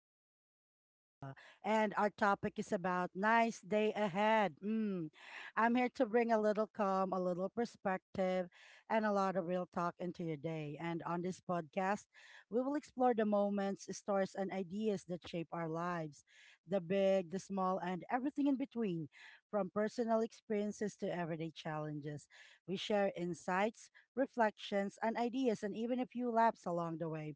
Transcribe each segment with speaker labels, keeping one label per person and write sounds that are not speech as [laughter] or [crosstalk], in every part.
Speaker 1: Reflections with Lisa. And our topic is about nice day ahead. Mm. I'm here to bring a little calm, a little perspective, and a lot of real talk into your day. And on this podcast, we will explore the moments, stories, and ideas that shape our lives, the big, the small, and everything in between, from personal experiences to everyday challenges. We share insights, reflections, and ideas, and even a few laughs along the way.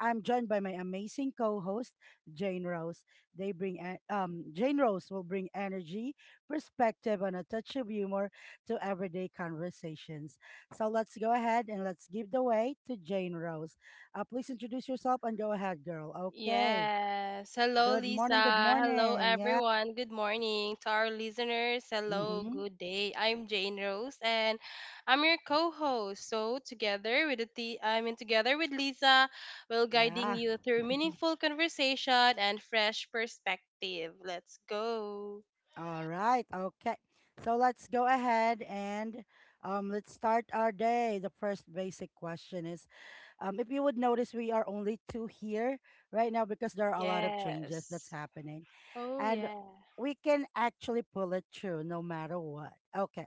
Speaker 1: I'm joined by my amazing co-host Jane Rose. Jane Rose will bring energy, perspective, and a touch of humor to everyday conversations. So let's go ahead and let's give the way to Jane Rose. Please introduce yourself and go ahead, girl. Okay.
Speaker 2: Yes. Hello,
Speaker 1: Good morning. Good
Speaker 2: Lisa. Hello,
Speaker 1: morning. Yeah.
Speaker 2: everyone. Good morning to our listeners. Hello,
Speaker 1: Mm-hmm.
Speaker 2: good day. I'm Jane Rose, and I'm your co-host. So together with I mean, together with Lisa, we'll guiding
Speaker 1: Yeah.
Speaker 2: you through meaningful conversation and fresh perspective. Let's go.
Speaker 1: [laughs] All right. Okay. So let's go ahead and let's start our day. The first basic question is. If you would notice, we are only two here right now because there are a lot of changes that's
Speaker 2: Yes.
Speaker 1: happening.
Speaker 2: Oh
Speaker 1: And
Speaker 2: yeah.
Speaker 1: we can actually pull it through no matter what. Okay.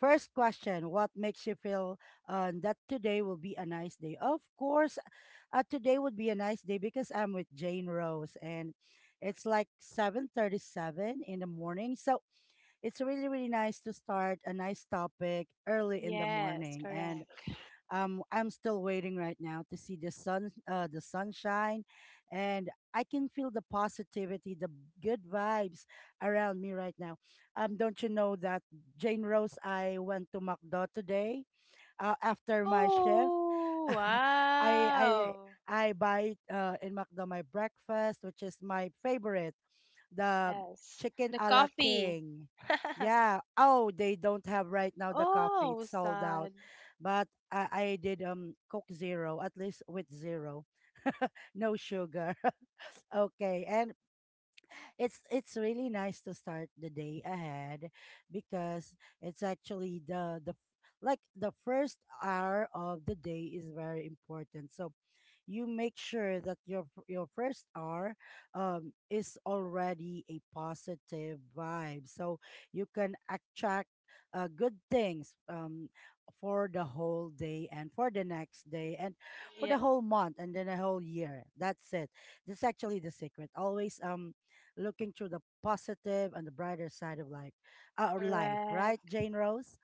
Speaker 1: First question: what makes you feel that today will be a nice day? Of course, today would be a nice day because I'm with Jane Rose and it's like 7:37 in the morning. So it's really, really nice to start a nice topic early in the
Speaker 2: Yes.
Speaker 1: morning. And
Speaker 2: Correct.
Speaker 1: I'm still waiting right now to see the sun, the sunshine, and I can feel the positivity, the good vibes around me right now. Don't you know that, Jane Rose? I went to Macdo today, after my shift.
Speaker 2: Oh
Speaker 1: [laughs] I I
Speaker 2: wow.
Speaker 1: I buy in Macdo my breakfast, which is my favorite, the
Speaker 2: Yes.
Speaker 1: chicken
Speaker 2: The
Speaker 1: a la
Speaker 2: coffee.
Speaker 1: king.
Speaker 2: [laughs]
Speaker 1: Yeah. Oh, they don't have right now the coffee.
Speaker 2: Oh,
Speaker 1: It's sold out.
Speaker 2: sad.
Speaker 1: But I did Coke Zero, at least with zero. [laughs] No sugar. [laughs] Okay. And it's really nice to start the day ahead because it's actually the, like, the first hour of the day is very important. So you make sure that your first hour is already a positive vibe, so you can attract good things, for the whole day and for the next day and for the
Speaker 2: Yeah,
Speaker 1: whole month and then a whole year. That's it. That's actually the secret. Always looking through the positive and the brighter side of, like, our life,
Speaker 2: correct.
Speaker 1: right, Jane Rose?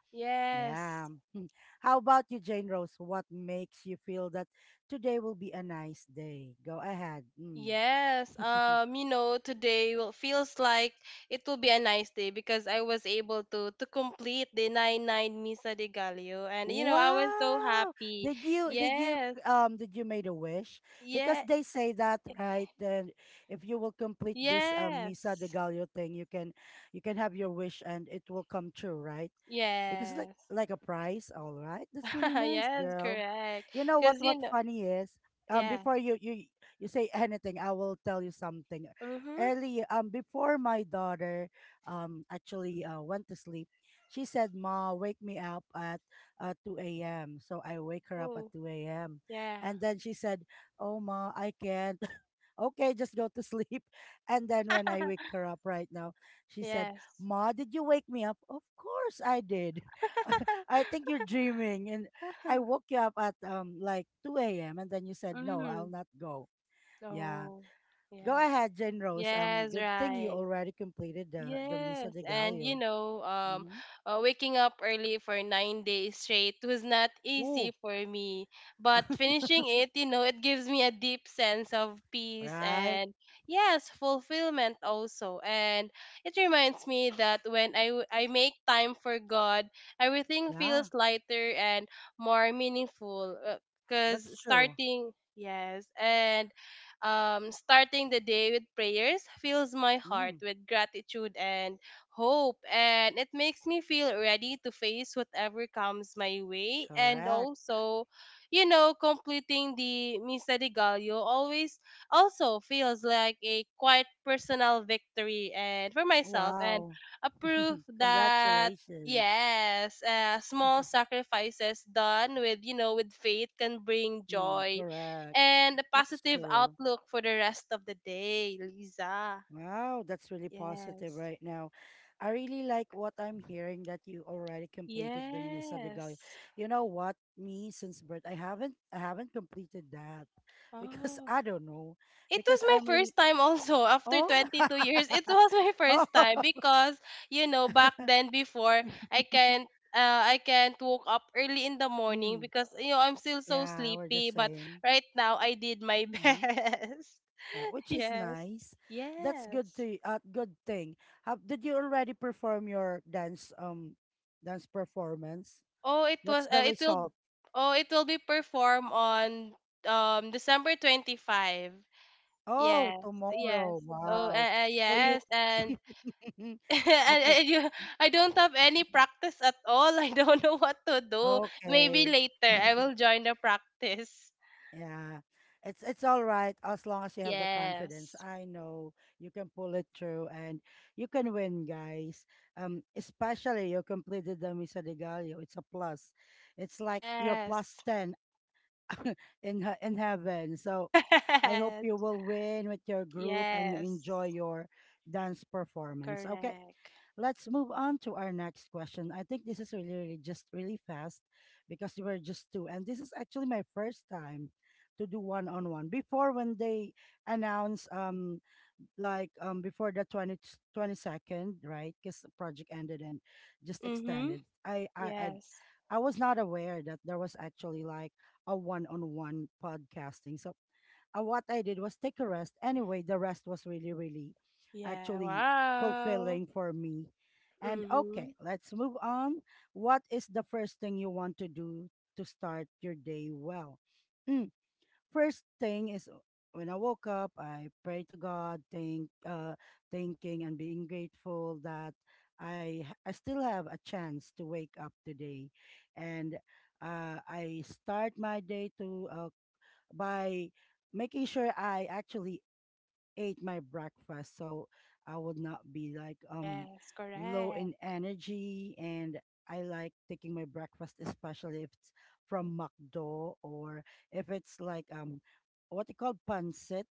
Speaker 1: Yeah.
Speaker 2: Yes.
Speaker 1: Hmm. How about you, Jane Rose? What makes you feel that today will be a nice day? Go ahead. Mm.
Speaker 2: Yes. Today will feels like it will be a nice day because I was able to complete the nine Misa de Gallo and I was so
Speaker 1: Wow!
Speaker 2: happy.
Speaker 1: Did you did you
Speaker 2: Yes.
Speaker 1: um did you made a wish? Because
Speaker 2: Yeah.
Speaker 1: they say that, right? Then if you will complete this Misa de
Speaker 2: Yes.
Speaker 1: Gallo thing, you can have your wish and it will come true, right? Because, like
Speaker 2: Yes.
Speaker 1: like a prize, all right. That's really
Speaker 2: [laughs]
Speaker 1: nice,
Speaker 2: Yes,
Speaker 1: girl.
Speaker 2: correct.
Speaker 1: You know what
Speaker 2: Because
Speaker 1: what
Speaker 2: you know,
Speaker 1: funny is?
Speaker 2: yeah.
Speaker 1: Before you say anything, I will tell you something.
Speaker 2: Mm-hmm.
Speaker 1: Early, before my daughter actually went to sleep, she said, "Ma, wake me up at 2 a.m." So I wake her up at
Speaker 2: Oh,
Speaker 1: 2 a.m.
Speaker 2: yeah.
Speaker 1: And then she said, "Oh, ma, I can't." [laughs] Okay, just go to sleep. [laughs] And then when I wake
Speaker 2: [laughs]
Speaker 1: her up right now, she said,
Speaker 2: Yes.
Speaker 1: "Ma, did you wake me up?" Of course I did. [laughs] I think you're dreaming. And I woke
Speaker 2: [laughs]
Speaker 1: you up at like 2 a.m. And then you said, "No, I'll
Speaker 2: Mm.
Speaker 1: not go." Yeah.
Speaker 2: Oh,
Speaker 1: Go
Speaker 2: yeah.
Speaker 1: ahead, Jane Rose.
Speaker 2: Yes,
Speaker 1: Good thing you
Speaker 2: right.
Speaker 1: already completed the Misa
Speaker 2: Yes.
Speaker 1: de
Speaker 2: And
Speaker 1: Gallo. Mm-hmm.
Speaker 2: waking up early for 9 days straight was not easy
Speaker 1: Ooh.
Speaker 2: for me. But finishing
Speaker 1: [laughs]
Speaker 2: it, gives me a deep sense of peace
Speaker 1: Right.
Speaker 2: and, yes, fulfillment also. And it reminds me that when I make time for God, everything
Speaker 1: Yeah.
Speaker 2: feels lighter and more meaningful. Because
Speaker 1: That's true.
Speaker 2: starting, yes, and starting the day with prayers fills my heart
Speaker 1: Mm,
Speaker 2: with gratitude and hope, and it makes me feel ready to face whatever comes my way. And
Speaker 1: correct.
Speaker 2: also, completing the Misa de Gallo always also feels like a quite personal victory and for myself and
Speaker 1: Wow.
Speaker 2: a proof
Speaker 1: [laughs]
Speaker 2: that
Speaker 1: Congratulations.
Speaker 2: yes small
Speaker 1: [laughs]
Speaker 2: sacrifices done with you know with faith can bring
Speaker 1: Mm,
Speaker 2: joy
Speaker 1: correct.
Speaker 2: and a
Speaker 1: That's
Speaker 2: positive
Speaker 1: true.
Speaker 2: outlook for the rest of the day, Lisa.
Speaker 1: Wow, that's really positive
Speaker 2: Yes.
Speaker 1: right now. I really like what I'm hearing, that you already completed the Misa de Gallo.
Speaker 2: Yes.
Speaker 1: You know what? Me, since birth, I haven't completed that [laughs] because
Speaker 2: Oh.
Speaker 1: I don't know.
Speaker 2: It was
Speaker 1: Because
Speaker 2: my
Speaker 1: I'm really.
Speaker 2: first time also [laughs] after
Speaker 1: Oh.
Speaker 2: 22 years. It
Speaker 1: [laughs]
Speaker 2: was my
Speaker 1: Oh.
Speaker 2: first time because,
Speaker 1: [laughs]
Speaker 2: back then before I can't I can't woke up early in the morning
Speaker 1: mm,
Speaker 2: because I'm still so
Speaker 1: yeah, we're the
Speaker 2: sleepy, but
Speaker 1: same.
Speaker 2: right now I did my [laughs]
Speaker 1: Mm-hmm.
Speaker 2: best.
Speaker 1: Yeah, which is
Speaker 2: Yes.
Speaker 1: nice. That's good
Speaker 2: Yes.
Speaker 1: to. Good thing. Did you already perform your dance, dance performance?
Speaker 2: Oh, it
Speaker 1: What's
Speaker 2: was.
Speaker 1: the
Speaker 2: It will.
Speaker 1: result?
Speaker 2: Oh, it will be performed on December 25.
Speaker 1: Oh,
Speaker 2: Yes, yes.
Speaker 1: tomorrow.
Speaker 2: Oh,
Speaker 1: Wow.
Speaker 2: uh, uh,
Speaker 1: So you.
Speaker 2: yes, and,
Speaker 1: [laughs]
Speaker 2: [laughs] and,
Speaker 1: Okay.
Speaker 2: and you, I don't have any practice at all. [laughs] I don't know what to do. Maybe
Speaker 1: Okay.
Speaker 2: later I will
Speaker 1: [laughs]
Speaker 2: join the practice.
Speaker 1: Yeah, it's all right as long as you have the confidence.
Speaker 2: Yes,
Speaker 1: I know you can pull it through and you can win, guys. Especially you completed the Misa de Gallo. It's a plus. It's like you're
Speaker 2: yes,
Speaker 1: plus ten in in heaven. So I hope you
Speaker 2: [laughs] yes,
Speaker 1: will win with your group and you
Speaker 2: yes.
Speaker 1: enjoy your dance performance. Okay,
Speaker 2: Correct.
Speaker 1: let's move on to our next question. I think this is really, really just really fast because we were just two. And this is actually my first time to do one on one. Before, when they announce like before the twenty twenty second, right, because the project ended and just
Speaker 2: Mhm.
Speaker 1: extended, I, I i
Speaker 2: Yes.
Speaker 1: i was not aware that there was actually, like, a one-on-one podcasting. So what I did was take a rest. Anyway, the rest was really, really
Speaker 2: Yeah.
Speaker 1: actually
Speaker 2: Wow.
Speaker 1: fulfilling for me. And okay,
Speaker 2: Mhm.
Speaker 1: let's move on. What is the first thing you want to do to start your day well? Hmm, first thing is, when I woke up, I pray to God, thanking and being grateful that I still have a chance to wake up today, and I start my day to by making sure I actually ate my breakfast, so I would not be like
Speaker 2: Yes,
Speaker 1: low in
Speaker 2: correct.
Speaker 1: energy. And I like taking my breakfast, especially if it's from McDo or if it's like what they call pancit.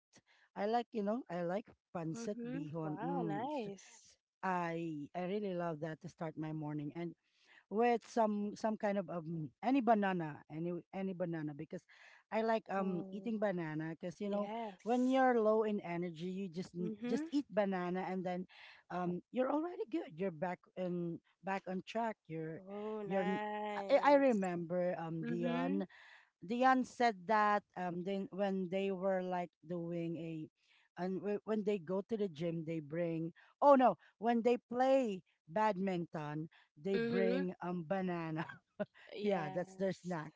Speaker 1: I like, I like pancit
Speaker 2: Mm-hmm.
Speaker 1: bihon.
Speaker 2: Wow, nice.
Speaker 1: I really love that to start my morning, and with some kind of any banana, any banana, because I like
Speaker 2: Oh,
Speaker 1: eating banana. Because you know when
Speaker 2: yes.
Speaker 1: you're low in energy you just just
Speaker 2: Mm-hmm.
Speaker 1: eat banana. And then you're already good. You're back on track.
Speaker 2: Oh,
Speaker 1: You're n- I
Speaker 2: nice.
Speaker 1: remember
Speaker 2: Mm-hmm.
Speaker 1: Dion said that then when they were like doing a. And when they go to the gym they bring. Oh no, when they play badminton they
Speaker 2: Mm-hmm.
Speaker 1: bring banana. [laughs] Yeah, that's their
Speaker 2: Yes.
Speaker 1: snack.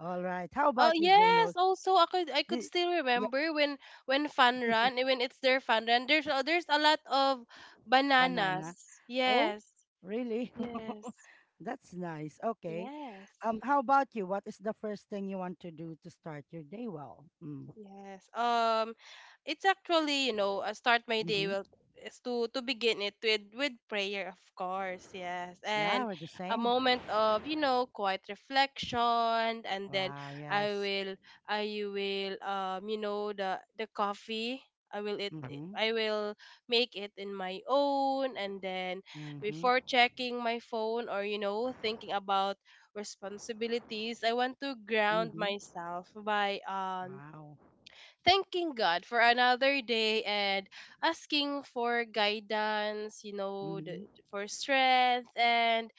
Speaker 1: All right, how
Speaker 2: Oh
Speaker 1: about you, Jane
Speaker 2: yes,
Speaker 1: Rose?
Speaker 2: also I could
Speaker 1: the,
Speaker 2: still
Speaker 1: yeah,
Speaker 2: remember when when it's their fun run there's a lot of
Speaker 1: banana.
Speaker 2: bananas.
Speaker 1: Oh,
Speaker 2: Yes.
Speaker 1: really.
Speaker 2: Yes.
Speaker 1: [laughs] That's nice. Okay,
Speaker 2: Yes.
Speaker 1: how about you? What is the first thing you want to do to start your day well? Mm.
Speaker 2: Yes. It's actually, I start my day
Speaker 1: Hmm.
Speaker 2: well is to begin it with prayer, of course. Yes.
Speaker 1: Yeah,
Speaker 2: And
Speaker 1: we're the
Speaker 2: a
Speaker 1: same.
Speaker 2: moment of quiet reflection and then
Speaker 1: Wow,
Speaker 2: I
Speaker 1: yes.
Speaker 2: will I will you know, the coffee I will it
Speaker 1: Mhm,
Speaker 2: I will make it in my own and then
Speaker 1: mhm,
Speaker 2: before checking my phone or thinking about responsibilities I want to ground
Speaker 1: mhm.
Speaker 2: myself by
Speaker 1: Wow.
Speaker 2: thanking God for another day and asking for guidance,
Speaker 1: Mhm.
Speaker 2: for strength and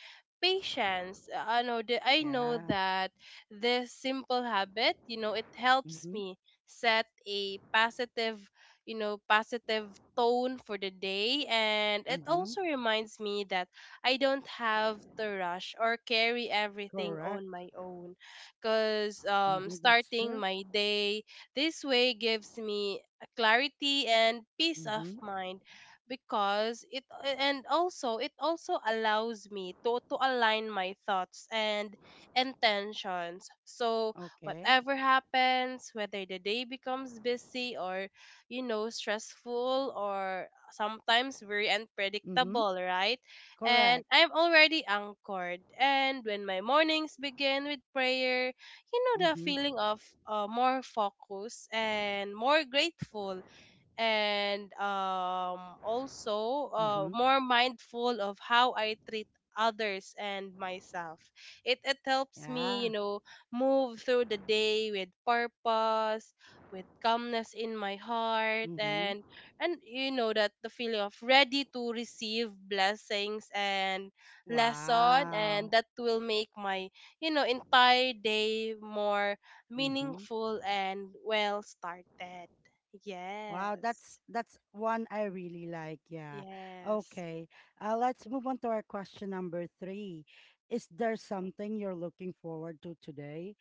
Speaker 2: patience. I know
Speaker 1: Yeah.
Speaker 2: that this simple habit, it helps
Speaker 1: Mhm,
Speaker 2: me set a positive, positive tone for the day and it
Speaker 1: mhm.
Speaker 2: also reminds me that I don't have to rush or carry everything
Speaker 1: Correct.
Speaker 2: on my own cuz
Speaker 1: Mhm, that's
Speaker 2: starting
Speaker 1: true.
Speaker 2: my day this way gives me a clarity and peace of
Speaker 1: Mhm.
Speaker 2: mind because it and also it also allows me to align my thoughts and intentions. So
Speaker 1: Okay.
Speaker 2: whatever happens, whether the day becomes busy or stressful or sometimes very
Speaker 1: Mhm.
Speaker 2: unpredictable, right? And
Speaker 1: Correct.
Speaker 2: I'm already anchored. And when my mornings begin with prayer, you know the
Speaker 1: Mhm,
Speaker 2: feeling of more focus and more grateful and also
Speaker 1: mhm.
Speaker 2: more mindful of how I treat others and myself. It helps me, you
Speaker 1: Yeah.
Speaker 2: know, move through the day with purpose, with calmness in my heart,
Speaker 1: Mhm.
Speaker 2: and and that the feeling of ready to receive blessings and lesson, and
Speaker 1: Wow.
Speaker 2: that will make my entire day more
Speaker 1: Mhm.
Speaker 2: meaningful and well started.
Speaker 1: Wow, that's
Speaker 2: Yes.
Speaker 1: that's one I really like. Yeah.
Speaker 2: Yes.
Speaker 1: Okay. Let's move on to our question number three. Is there something you're looking forward to today?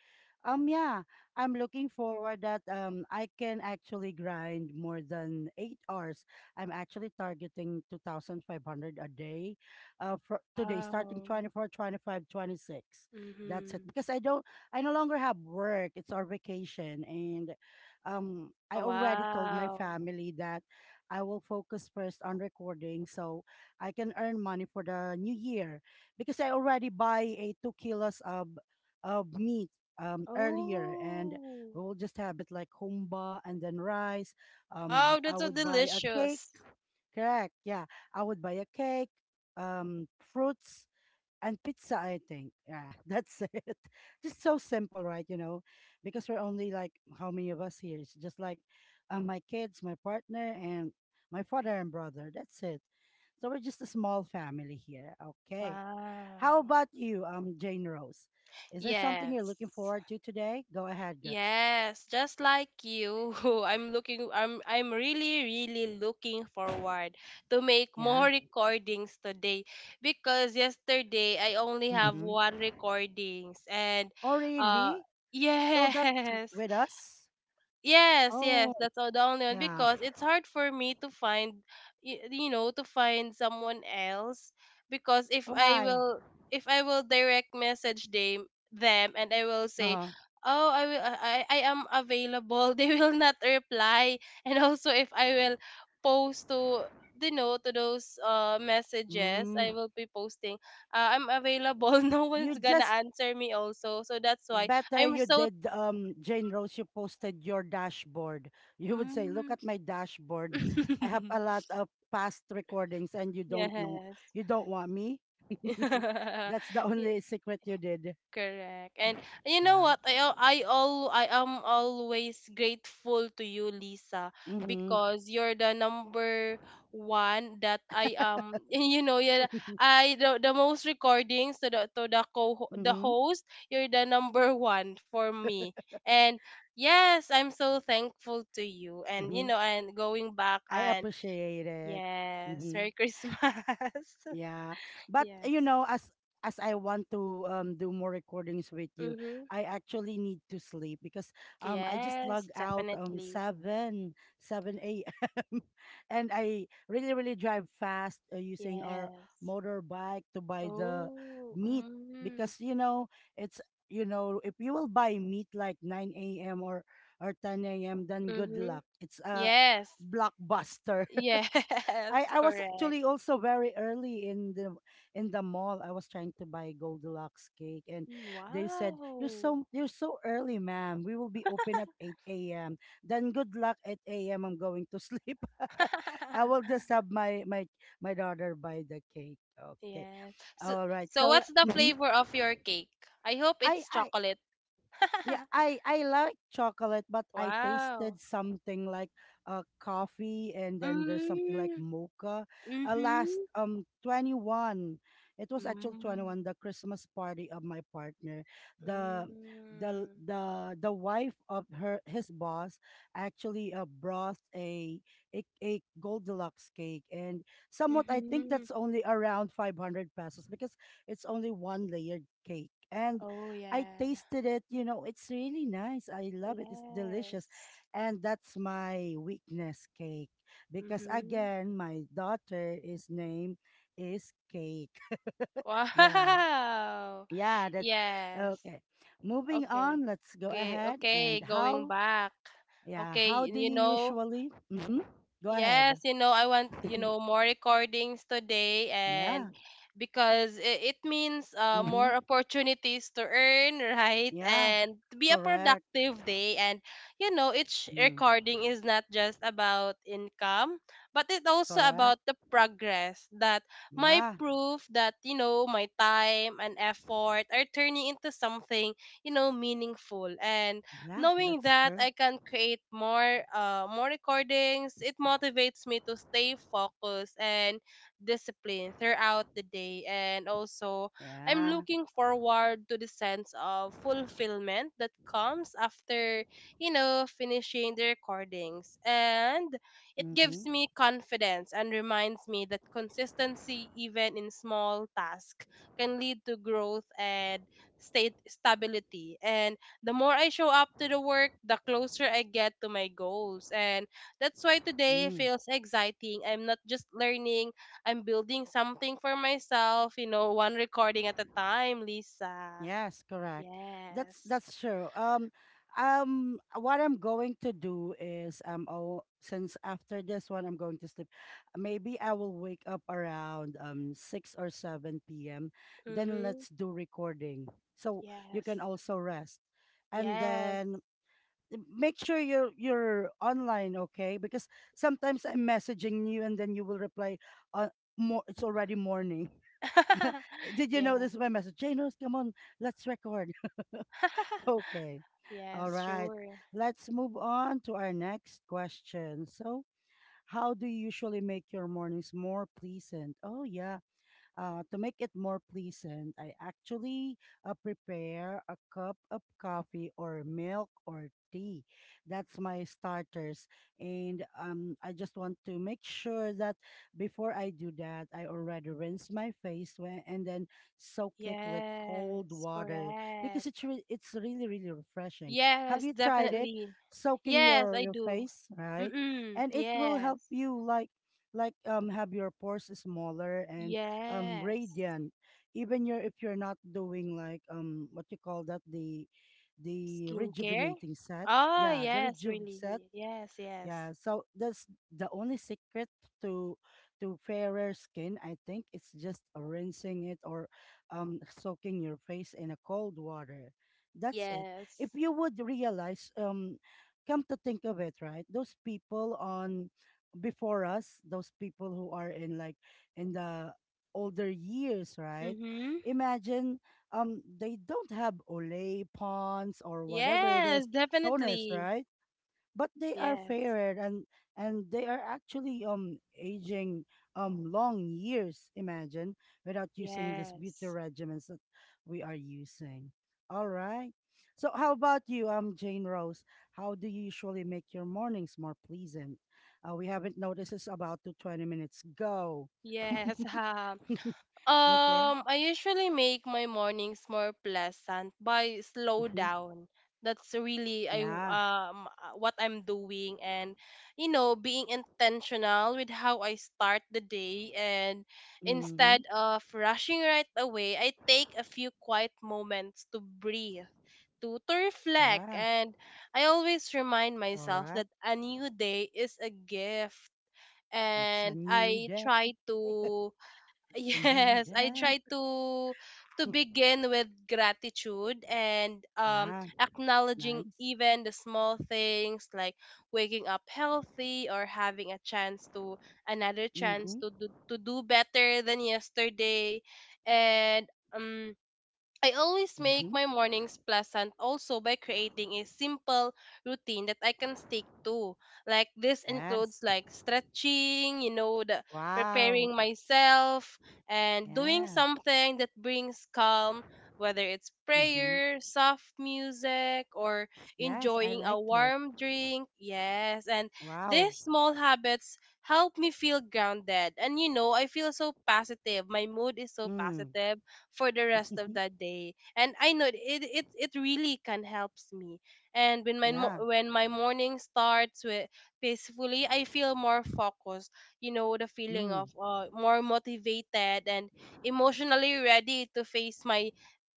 Speaker 1: Yeah, I'm looking forward that I can actually grind more than 8 hours. I'm actually targeting 2,500 a day, for today starting
Speaker 2: Wow.
Speaker 1: 24, 25, 26. That's it
Speaker 2: Mm-hmm.
Speaker 1: because I no longer have work. It's our vacation. And I
Speaker 2: Oh,
Speaker 1: already told my
Speaker 2: wow.
Speaker 1: family that I will focus first on recording, so I can earn money for the new year because I already buy a 2 kilos of meat earlier, and
Speaker 2: Oh.
Speaker 1: we will just have it like humba and then rice.
Speaker 2: Wow,
Speaker 1: I
Speaker 2: that's so
Speaker 1: would buy a cake.
Speaker 2: delicious.
Speaker 1: Correct. Yeah. I would buy a cake, fruits and pizza, I think. Yeah, [laughs] that's it. Just so simple, right? You know, because we're only like, how many of us here? It's just like my kids, my partner, and my father and brother. That's it. So we're just a small family here. Okay. How
Speaker 2: Wow.
Speaker 1: about you, Jane Rose? Is there something you're
Speaker 2: Yes.
Speaker 1: looking forward to today? Go ahead, girl.
Speaker 2: Yes, just like you. [laughs] I'm really really looking forward to make
Speaker 1: Yeah.
Speaker 2: more recordings today because yesterday I only have
Speaker 1: Mm-hmm.
Speaker 2: one recordings and
Speaker 1: Oh,
Speaker 2: uh
Speaker 1: really?
Speaker 2: [laughs]
Speaker 1: So that's
Speaker 2: yes.
Speaker 1: with us?
Speaker 2: Yes,
Speaker 1: Oh,
Speaker 2: yes, that's all the only one
Speaker 1: yeah.
Speaker 2: because it's hard for me to find, to find someone else because if I
Speaker 1: Why?
Speaker 2: will, if I will direct message them, and I will say,
Speaker 1: Uh-huh.
Speaker 2: oh, I am available. [laughs] They will not reply, and also if I will post to, to those messages,
Speaker 1: Mm.
Speaker 2: I will be posting, I'm available. [laughs] No
Speaker 1: You
Speaker 2: one's gonna
Speaker 1: just
Speaker 2: answer me also, so that's why
Speaker 1: Better
Speaker 2: I'm
Speaker 1: you
Speaker 2: so.
Speaker 1: did, Jane Rose, you posted your dashboard. You would say, look
Speaker 2: Mm.
Speaker 1: at my dashboard. I have a
Speaker 2: [laughs]
Speaker 1: lot of past recordings, and you don't know.
Speaker 2: Yes.
Speaker 1: You don't want me. [laughs]
Speaker 2: [laughs]
Speaker 1: That's the
Speaker 2: Yeah,
Speaker 1: only secret you did.
Speaker 2: correct. And you know
Speaker 1: Yeah.
Speaker 2: what? I al- I all I am always grateful to you, Lisa,
Speaker 1: Mhm.
Speaker 2: because you're the number one that I [laughs] yeah I the most recordings to the
Speaker 1: Mhm.
Speaker 2: host you're the number one for me and yes I'm so thankful to you and
Speaker 1: Mhm.
Speaker 2: and going back
Speaker 1: [laughs] I
Speaker 2: and
Speaker 1: appreciate it.
Speaker 2: yes
Speaker 1: Mhm.
Speaker 2: Merry Christmas [laughs]
Speaker 1: Yeah, but
Speaker 2: yes
Speaker 1: as I want to do more recordings with you,
Speaker 2: mm-hmm.
Speaker 1: I actually need to sleep because I just log
Speaker 2: Yes,
Speaker 1: out
Speaker 2: definitely.
Speaker 1: seven a.m. [laughs] and I really, really drive fast using our
Speaker 2: Yes.
Speaker 1: motorbike to buy the
Speaker 2: Oh,
Speaker 1: meat
Speaker 2: mm,
Speaker 1: because you know it's you know if you will buy meat like 9 a.m. Or 10 a.m., then good
Speaker 2: mm-hmm.
Speaker 1: luck. It's a
Speaker 2: Yes.
Speaker 1: blockbuster.
Speaker 2: Yes,
Speaker 1: I
Speaker 2: [laughs]
Speaker 1: I was
Speaker 2: correct.
Speaker 1: actually also very early in the mall. I was trying to buy Goldilocks cake, and
Speaker 2: Mm,
Speaker 1: they said,
Speaker 2: wow.
Speaker 1: You're so early, ma'am. We will be open at 8 a.m." Then good luck at a.m. I'm going to sleep. [laughs] I will just
Speaker 2: [laughs]
Speaker 1: have my daughter buy the cake." Okay,
Speaker 2: Yes. So,
Speaker 1: all right.
Speaker 2: so what's the flavor of your cake? I hope
Speaker 1: I
Speaker 2: it's
Speaker 1: I
Speaker 2: chocolate.
Speaker 1: yeah,
Speaker 2: [laughs]
Speaker 1: I like chocolate but I
Speaker 2: Wow.
Speaker 1: tasted something like coffee, and then there's something like
Speaker 2: Mm,
Speaker 1: mocha. Last
Speaker 2: mm-hmm.
Speaker 1: 21, it was actually
Speaker 2: Mm,
Speaker 1: 21, the Christmas party of my partner. the
Speaker 2: mm,
Speaker 1: the wife of her his boss actually brought a a Gold Deluxe cake, and somewhat I think
Speaker 2: mm-hmm.
Speaker 1: that's only around 500 pesos because it's only one layered cake, and
Speaker 2: Oh,
Speaker 1: I
Speaker 2: yeah.
Speaker 1: tasted it. You know, it's really nice. I love it. It's delicious.
Speaker 2: Yes.
Speaker 1: And that's my weakness, cake, because,
Speaker 2: Mm-hmm.
Speaker 1: again, my daughter is name is Cake. [laughs] Yeah.
Speaker 2: Wow.
Speaker 1: Yeah. That's
Speaker 2: Yes.
Speaker 1: okay. Moving
Speaker 2: Okay.
Speaker 1: on. Let's go
Speaker 2: Okay.
Speaker 1: ahead.
Speaker 2: Okay.
Speaker 1: And
Speaker 2: Going
Speaker 1: how,
Speaker 2: back.
Speaker 1: yeah,
Speaker 2: Okay.
Speaker 1: how do
Speaker 2: You
Speaker 1: you
Speaker 2: know,
Speaker 1: usually? Go
Speaker 2: yes,
Speaker 1: ahead.
Speaker 2: you know, I want, you
Speaker 1: [laughs]
Speaker 2: know, more recordings today and
Speaker 1: Yeah.
Speaker 2: because it means
Speaker 1: hmm
Speaker 2: more opportunities to earn, [laughs] right?
Speaker 1: Yeah.
Speaker 2: And to be a
Speaker 1: Correct.
Speaker 2: productive day. And, you know, each
Speaker 1: Mm,
Speaker 2: recording is not just about income, but it's also
Speaker 1: correct.
Speaker 2: about the progress that my
Speaker 1: Yeah.
Speaker 2: proof that, you know, my time and effort are turning into something, you know, meaningful. And
Speaker 1: Yeah.
Speaker 2: knowing
Speaker 1: That's
Speaker 2: that
Speaker 1: true.
Speaker 2: I can create more more recordings, it motivates me to stay focused and disciplined throughout the day. And also, I'm
Speaker 1: Yeah.
Speaker 2: looking forward to the sense of fulfillment that comes after, you know, finishing the recordings. And it gives
Speaker 1: Mm-hmm.
Speaker 2: me confidence and reminds me that consistency, even in small tasks, can lead to growth and state stability. And the more I show up to the work, the closer I get to my goals. And that's why today
Speaker 1: Mm,
Speaker 2: feels exciting. I'm not just learning, I'm building something for myself, you know, one recording at a time, Lisa.
Speaker 1: yes, correct.
Speaker 2: Yes.
Speaker 1: That's true. What I'm going to do is, oh, since after this one I'm going to sleep, maybe I will wake up around six or seven p.m. Then
Speaker 2: Mm-hmm.
Speaker 1: let's do recording, so you
Speaker 2: Yes.
Speaker 1: can also rest, and
Speaker 2: Yes.
Speaker 1: then make sure you're online, okay? Because sometimes I'm messaging you and then you will reply, more, it's already morning.
Speaker 2: [laughs]
Speaker 1: [laughs] Did you know
Speaker 2: yeah.
Speaker 1: this is my message? Janos, come on, let's record. [laughs]
Speaker 2: [laughs]
Speaker 1: Okay. All
Speaker 2: yes,
Speaker 1: right.
Speaker 2: sure.
Speaker 1: Let's move on to our next question. So, how do you usually make your mornings more pleasant? Oh, yeah. To make it more pleasant, I actually prepare a cup of coffee or milk or tea. That's my starters. And I just want to make sure that before I do that, I already rinse my face when, and then soak it with cold
Speaker 2: Yes,
Speaker 1: water because
Speaker 2: correct.
Speaker 1: it's really, really refreshing. Have
Speaker 2: Yes,
Speaker 1: you tried it?
Speaker 2: definitely.
Speaker 1: Soaking
Speaker 2: Yes, I
Speaker 1: your
Speaker 2: do.
Speaker 1: face, right?
Speaker 2: Mm-mm,
Speaker 1: And it will help
Speaker 2: yes.
Speaker 1: you like have your pores smaller and
Speaker 2: Yes.
Speaker 1: radiant, even your, if you're not doing like what you call that, the
Speaker 2: Skincare?
Speaker 1: rejuvenating set,
Speaker 2: Oh,
Speaker 1: yeah, the
Speaker 2: yes,
Speaker 1: rejuve set.
Speaker 2: really. Yes, yes.
Speaker 1: Yeah, so that's the only secret to fairer skin, I think. It's just rinsing it or soaking your face in a cold water. That's it.
Speaker 2: Yes.
Speaker 1: If you would realize, come to think of it, right? Those people on before us, those people who are in like in the older years, right?
Speaker 2: Mm-hmm.
Speaker 1: Imagine they don't have Olay, Pond's, or whatever it
Speaker 2: Yes,
Speaker 1: is, toners,
Speaker 2: definitely.
Speaker 1: right? But they are
Speaker 2: Yes.
Speaker 1: fairer and they are actually aging long years, imagine, without using these beauty
Speaker 2: Yes.
Speaker 1: regimens that we are using. All right, so how about you, Jane Rose? How do you usually make your mornings more pleasant? We haven't noticed, it's about to 20 minutes go.
Speaker 2: Yes. [laughs]
Speaker 1: [laughs]
Speaker 2: Ha,
Speaker 1: Okay.
Speaker 2: I usually make my mornings more pleasant by slow
Speaker 1: hmm
Speaker 2: down. That's really
Speaker 1: yeah.
Speaker 2: what I'm doing and you know being intentional with how I start the day and
Speaker 1: Mm-hmm.
Speaker 2: instead of rushing right away, I take a few quiet moments to breathe, to reflect
Speaker 1: Yeah,
Speaker 2: and I always remind myself
Speaker 1: correct.
Speaker 2: that a new day is a gift
Speaker 1: It's a
Speaker 2: and
Speaker 1: new
Speaker 2: I
Speaker 1: day,
Speaker 2: try to
Speaker 1: it's a new
Speaker 2: yes, I
Speaker 1: day.
Speaker 2: try to begin with gratitude and
Speaker 1: Yeah, it's
Speaker 2: acknowledging
Speaker 1: nice.
Speaker 2: even the small things like waking up healthy or having a chance to another chance
Speaker 1: Mm-hmm.
Speaker 2: to do better than yesterday and um I always make
Speaker 1: Mm-hmm.
Speaker 2: my mornings pleasant also by creating a simple routine that I can stick to. Like this includes
Speaker 1: Yes.
Speaker 2: like stretching, you know, the
Speaker 1: Wow.
Speaker 2: preparing myself and doing
Speaker 1: Yeah.
Speaker 2: something that brings calm, whether it's
Speaker 1: Mm-hmm.
Speaker 2: prayer, soft music, or
Speaker 1: Yes, I
Speaker 2: enjoying a
Speaker 1: like it.
Speaker 2: warm drink. Yes, and
Speaker 1: Wow.
Speaker 2: these small habits help me feel grounded and you know, I feel so positive. My mood is so
Speaker 1: Mm.
Speaker 2: positive for the rest of
Speaker 1: [laughs]
Speaker 2: that day. And I know it it really can helps me. And when my mo-
Speaker 1: Yeah.
Speaker 2: when my morning starts with peacefully, I feel more focused. You know, the feeling
Speaker 1: Mm.
Speaker 2: of more motivated and emotionally ready to face my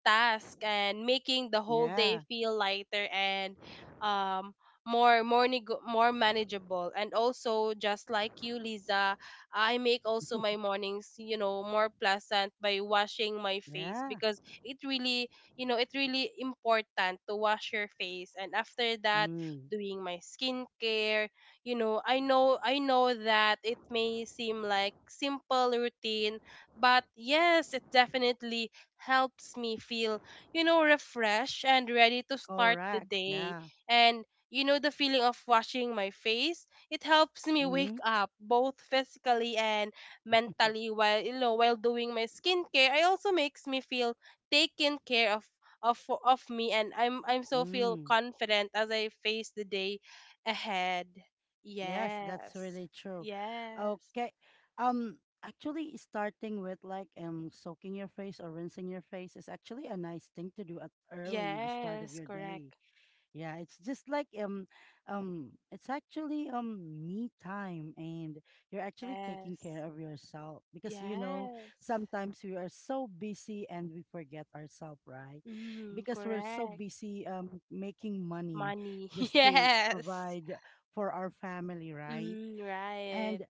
Speaker 2: task and making the whole day
Speaker 1: Yeah.
Speaker 2: feel lighter and um more manageable and also just like you Lisa I make also my mornings, you know, more pleasant by washing my face
Speaker 1: Yeah.
Speaker 2: because it really, you know, it really important to wash your face and after that
Speaker 1: Mm.
Speaker 2: doing my skincare, you know, I know that it may seem like simple routine, but yes, it definitely helps me feel, you know, refreshed and ready to start the
Speaker 1: Correct.
Speaker 2: day.
Speaker 1: Yeah.
Speaker 2: And you know the feeling of washing my face it helps me
Speaker 1: Mm-hmm.
Speaker 2: wake up both physically and mentally while you know while doing my skincare it also makes me feel taken care of of of me and I'm so feel
Speaker 1: Mm.
Speaker 2: confident as I face the day ahead.
Speaker 1: Yes, that's
Speaker 2: Yes.
Speaker 1: really true.
Speaker 2: Yes.
Speaker 1: Okay. Um, actually, starting with like soaking your face or rinsing your face is actually a nice thing to do at early the start of
Speaker 2: Yes,
Speaker 1: your day.
Speaker 2: correct.
Speaker 1: Yeah, it's just like it's actually me time, and you're actually taking care
Speaker 2: Yes.
Speaker 1: of yourself because you know
Speaker 2: Yes.
Speaker 1: sometimes we are so busy and we forget ourselves, right?
Speaker 2: Mm,
Speaker 1: Because we're so
Speaker 2: correct.
Speaker 1: busy making money
Speaker 2: Money. [laughs]
Speaker 1: just to
Speaker 2: Yes.
Speaker 1: provide for our family, right?
Speaker 2: Mm, right.
Speaker 1: And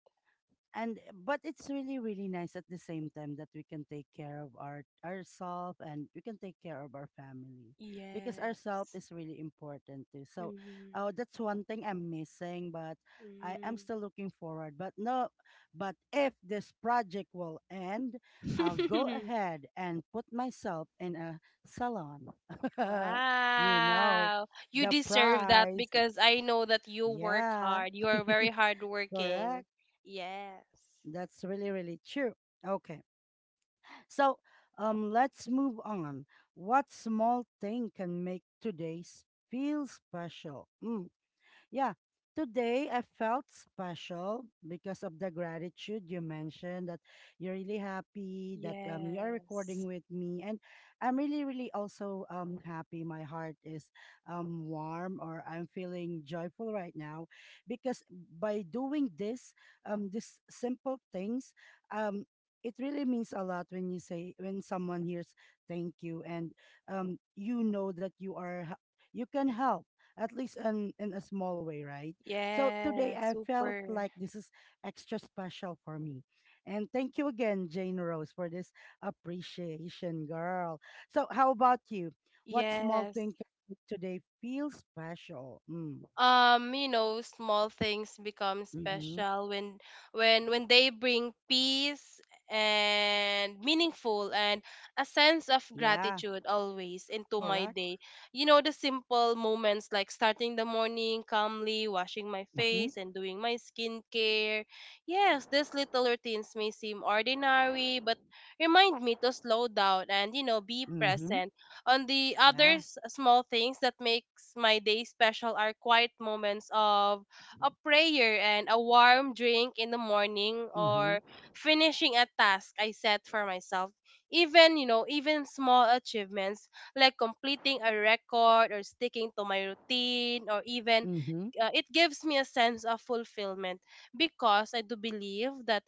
Speaker 1: and but it's really, really nice at the same time that we can take care of our ourselves and we can take care of our family because ourselves
Speaker 2: Yes.
Speaker 1: is really important too. So,
Speaker 2: Hmm.
Speaker 1: oh, that's one thing I'm missing, but I am
Speaker 2: Mm.
Speaker 1: still looking forward. But no, but if this project will end, I'll go
Speaker 2: [laughs]
Speaker 1: ahead and put myself in a salon. [laughs] You know
Speaker 2: Wow. You
Speaker 1: the
Speaker 2: deserve that
Speaker 1: price.
Speaker 2: because I know that you work
Speaker 1: Yeah.
Speaker 2: hard. You are very
Speaker 1: [laughs]
Speaker 2: hardworking.
Speaker 1: Correct.
Speaker 2: Yes.
Speaker 1: That's really, really true. Okay. So, let's move on. What small thing can make today's feel special? Mm, yeah, today I felt special because of the gratitude you mentioned, that you're really happy that you're recording
Speaker 2: Yes.
Speaker 1: with me. And I'm really, really also happy. My heart is warm, or I'm feeling joyful right now because by doing this, these simple things, um, it really means a lot when you say, when someone hears thank you, and you know that you can help at least in a small way, right? So today
Speaker 2: Yes.
Speaker 1: I felt
Speaker 2: Super.
Speaker 1: like this is extra special for me. And thank you again, Jane Rose, for this appreciation, girl. So, how about you? What small
Speaker 2: Yes.
Speaker 1: thing can make today feel special? Mm.
Speaker 2: Small things become
Speaker 1: Mm-hmm.
Speaker 2: special when they bring peace and meaningful and a sense of
Speaker 1: Yeah,
Speaker 2: gratitude always into my
Speaker 1: correct.
Speaker 2: day. The simple moments like starting the morning calmly, washing my
Speaker 1: Mm-hmm.
Speaker 2: face and doing my skincare. Yes, these little routines may seem ordinary but remind me to slow down and be
Speaker 1: Mm-hmm.
Speaker 2: present. On the
Speaker 1: Yeah.
Speaker 2: others, small things that makes my day special are quiet moments of a prayer and a warm drink in the morning
Speaker 1: Mm-hmm.
Speaker 2: or finishing a task I set for myself. Even, even small achievements like completing a record or sticking to my routine or even,
Speaker 1: Mm-hmm.
Speaker 2: it gives me a sense of fulfillment because I do believe that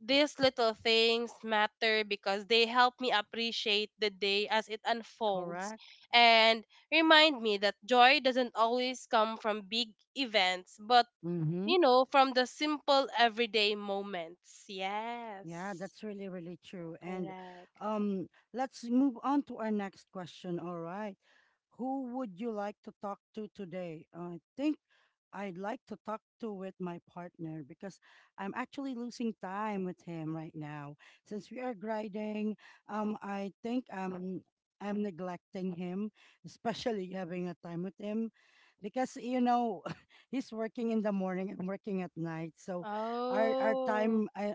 Speaker 2: these little things matter because they help me appreciate the day as it unfolds
Speaker 1: Correct.
Speaker 2: and remind me that joy doesn't always come from big events, but,
Speaker 1: Mm-hmm.
Speaker 2: from the simple everyday moments.
Speaker 1: Yeah,
Speaker 2: Yes,
Speaker 1: that's really, really true. And
Speaker 2: correct.
Speaker 1: um, let's move on to our next question. All right. Who would you like to talk to today? I think I'd like to talk to with my partner because I'm actually losing time with him right now. Since we are grinding, I think I'm neglecting him, especially having a time with him because, you know, [laughs] he's working in the morning, and working at night. So our
Speaker 2: Oh,
Speaker 1: time,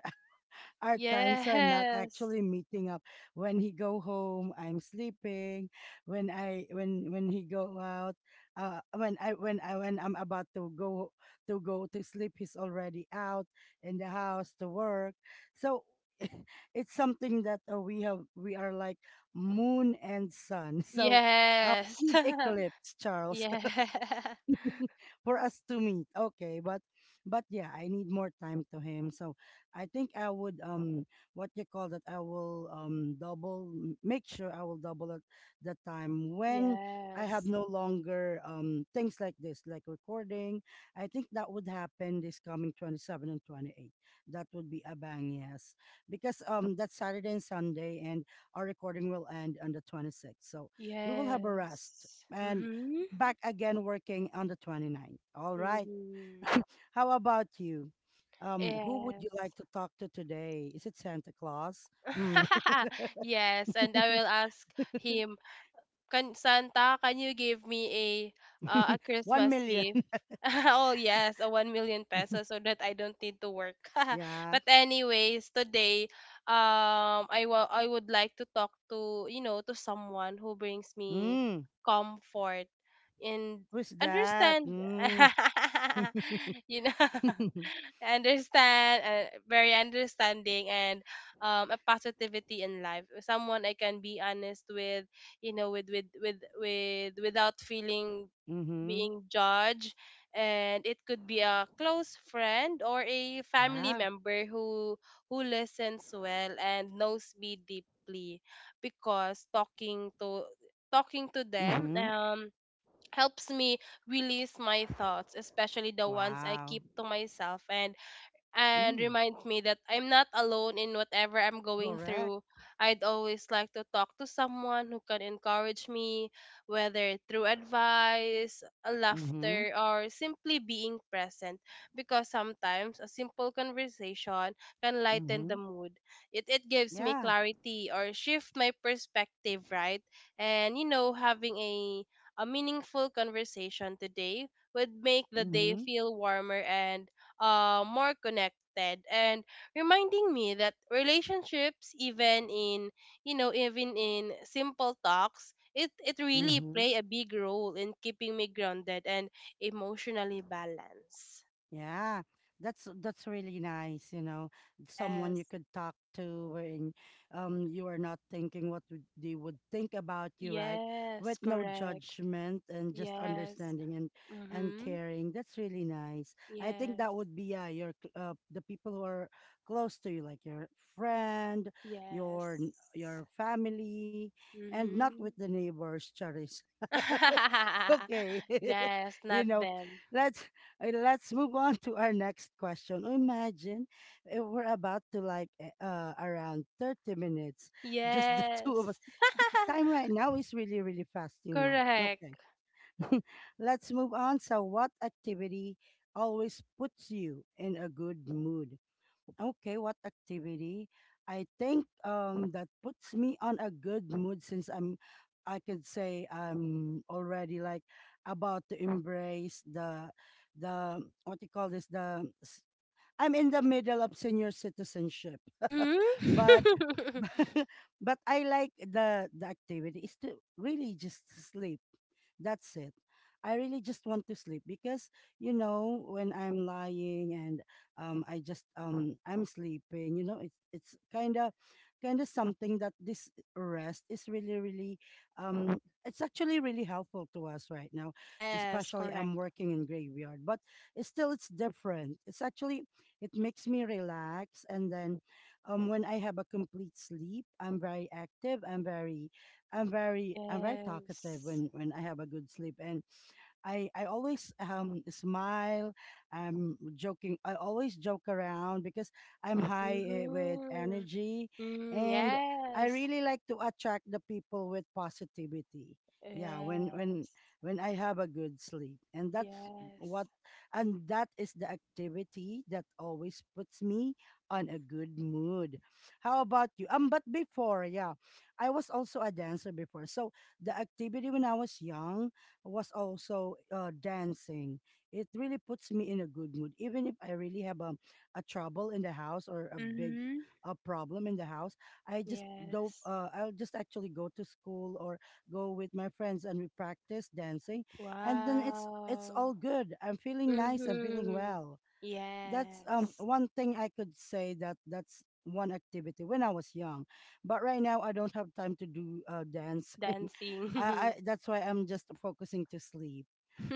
Speaker 1: our times are not
Speaker 2: yes,
Speaker 1: actually meeting up. When he go home, I'm sleeping. When he go out, when I'm about to go to sleep, he's already out in the house to work. So [laughs] it's something that we have, we are like moon and sun. [laughs] So
Speaker 2: yes,
Speaker 1: we need eclipse,
Speaker 2: [laughs]
Speaker 1: Charles,
Speaker 2: yeah, [laughs]
Speaker 1: for us to meet. Okay, but yeah, I need more time to him. So I think I would what you call that, I will make sure I will double it, the time when I have
Speaker 2: yes,
Speaker 1: no longer things like this like recording. I think that would happen this coming 27 and 28. That would be a bang, yes, because that's Saturday and Sunday and our recording will end on the 26th. So we will have a rest
Speaker 2: yes.
Speaker 1: and
Speaker 2: Mm-hmm.
Speaker 1: back again working on the 29th. All right.
Speaker 2: Mm-hmm.
Speaker 1: How about you? Who would you like
Speaker 2: Yes.
Speaker 1: to talk to today? Is it Santa Claus? Mm.
Speaker 2: [laughs] Yes, and I will
Speaker 1: [laughs]
Speaker 2: ask him, "Can Santa, can you give me a
Speaker 1: One
Speaker 2: Christmas
Speaker 1: million.
Speaker 2: gift?"
Speaker 1: [laughs]
Speaker 2: [laughs] Oh yes, a 1 million pesos so that I don't need to work. [laughs]
Speaker 1: Yeah.
Speaker 2: But anyways, today, I would like to talk to you know to someone who brings me
Speaker 1: Mm.
Speaker 2: comfort and
Speaker 1: Who's that?
Speaker 2: understand.
Speaker 1: Mm. [laughs]
Speaker 2: [laughs]
Speaker 1: Mm-hmm.
Speaker 2: You know understand Very understanding and a positivity in life, someone I can be honest with, you know with with with without feeling being judged. And it could be a close friend or a family
Speaker 1: Yeah.
Speaker 2: member who listens well and knows me deeply, because talking to them,
Speaker 1: Mm-hmm.
Speaker 2: helps me release my thoughts, especially the ones I
Speaker 1: Wow.
Speaker 2: keep to myself, and
Speaker 1: Mm.
Speaker 2: reminds me that I'm not alone in whatever I'm going
Speaker 1: Correct.
Speaker 2: through. I'd always like to talk to someone who can encourage me, whether through advice,
Speaker 1: Mm-hmm.
Speaker 2: laughter, or simply being present, because sometimes a simple conversation can lighten
Speaker 1: Mm-hmm.
Speaker 2: the mood. It gives me
Speaker 1: Yeah.
Speaker 2: clarity or shift my perspective, right? And, having a meaningful conversation today would make the day
Speaker 1: Mm-hmm.
Speaker 2: feel warmer and, more connected, and reminding me that relationships, even in, even in simple talks, it really
Speaker 1: Mm-hmm.
Speaker 2: play a big role in keeping me grounded and emotionally balanced.
Speaker 1: Yeah, that's really nice, you know, someone
Speaker 2: Yes.
Speaker 1: you could talk to wherein you are not thinking what would- they would think about you, right?
Speaker 2: Yes.
Speaker 1: With no
Speaker 2: Correct.
Speaker 1: judgment and just
Speaker 2: Yes.
Speaker 1: understanding and
Speaker 2: Mhm.
Speaker 1: caring. That's really nice. I think that
Speaker 2: Yes.
Speaker 1: would be yeah, the people who are close to you, like your friend,
Speaker 2: Yes.
Speaker 1: your family, and not with
Speaker 2: Mhm.
Speaker 1: the neighbors, Charis. [laughs]
Speaker 2: [laughs]
Speaker 1: Okay. [laughs]
Speaker 2: yes,
Speaker 1: You
Speaker 2: not
Speaker 1: know,
Speaker 2: them.
Speaker 1: let's let's move on to our next question. Imagine, if we're about to like around 30 minutes, just the [laughs] two of us.
Speaker 2: Yes. [laughs]
Speaker 1: The time right now is really, really fast, you know. Okay.
Speaker 2: correct.
Speaker 1: [laughs] Let's move on. So, what activity always puts you in a good mood? Okay, what activity? I think that puts me on a good mood, since I'm, I could say I'm already like about to embrace the what you call this the s- I'm in the middle of senior citizenship. But
Speaker 2: Mm-hmm. [laughs]
Speaker 1: [laughs] but I like the activity is to really just sleep. That's it. I really just want to sleep because you know when I'm lying and I'm sleeping. You know, it's kind of something that this rest is really, really it's actually really helpful to us right now,
Speaker 2: Yes,
Speaker 1: especially I'm
Speaker 2: correct.
Speaker 1: working in graveyard. But it's still, it's different, it's actually, it makes me relax, and then when I have a complete sleep, I'm very active. I'm very talkative
Speaker 2: Yes.
Speaker 1: when I have a good sleep, and I always smile. I'm joking. I always joke around because I'm high with
Speaker 2: Mm-hmm.
Speaker 1: energy,
Speaker 2: Mm,
Speaker 1: and I
Speaker 2: yes.
Speaker 1: really like to attract the people with positivity. Yeah, when
Speaker 2: Yes.
Speaker 1: I have a good sleep, and
Speaker 2: Yes.
Speaker 1: what, and that is the activity that always puts me on a good mood. How about you? But before, yeah, I was also a dancer before, so the activity when I was young was also dancing. It really puts me in a good mood, even if I really have a trouble in the house or
Speaker 2: Mm-hmm.
Speaker 1: a problem in the house. I just do
Speaker 2: Yes.
Speaker 1: I'll just actually go to school or go with my friends and we practice dancing, and then it's
Speaker 2: Wow.
Speaker 1: all good. I'm feeling nice. I'm feeling
Speaker 2: Mm-hmm.
Speaker 1: well. That's
Speaker 2: Yes.
Speaker 1: one thing I could say, that that's one activity when I was young, but right now I don't have time to do dancing. [laughs] I,
Speaker 2: Dancing.
Speaker 1: I
Speaker 2: [laughs]
Speaker 1: that's why I'm just focusing to sleep.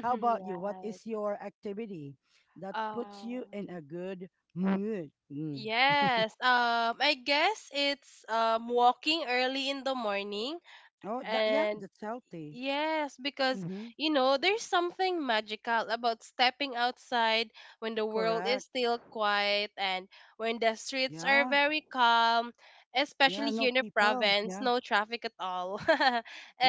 Speaker 1: How about you? What is your activity that puts you in
Speaker 2: Um,
Speaker 1: a good mood? Mm.
Speaker 2: yes. I guess it's walking early in the morning.
Speaker 1: Oh, that yeah,
Speaker 2: And
Speaker 1: that's healthy.
Speaker 2: yes, because,
Speaker 1: Mm-hmm.
Speaker 2: there's something magical about stepping outside when the world is
Speaker 1: Correct.
Speaker 2: still quiet and when the streets are
Speaker 1: Yeah.
Speaker 2: very calm, especially
Speaker 1: Yeah.
Speaker 2: here
Speaker 1: No
Speaker 2: in the
Speaker 1: people.
Speaker 2: province,
Speaker 1: Yeah.
Speaker 2: no traffic at all. [laughs]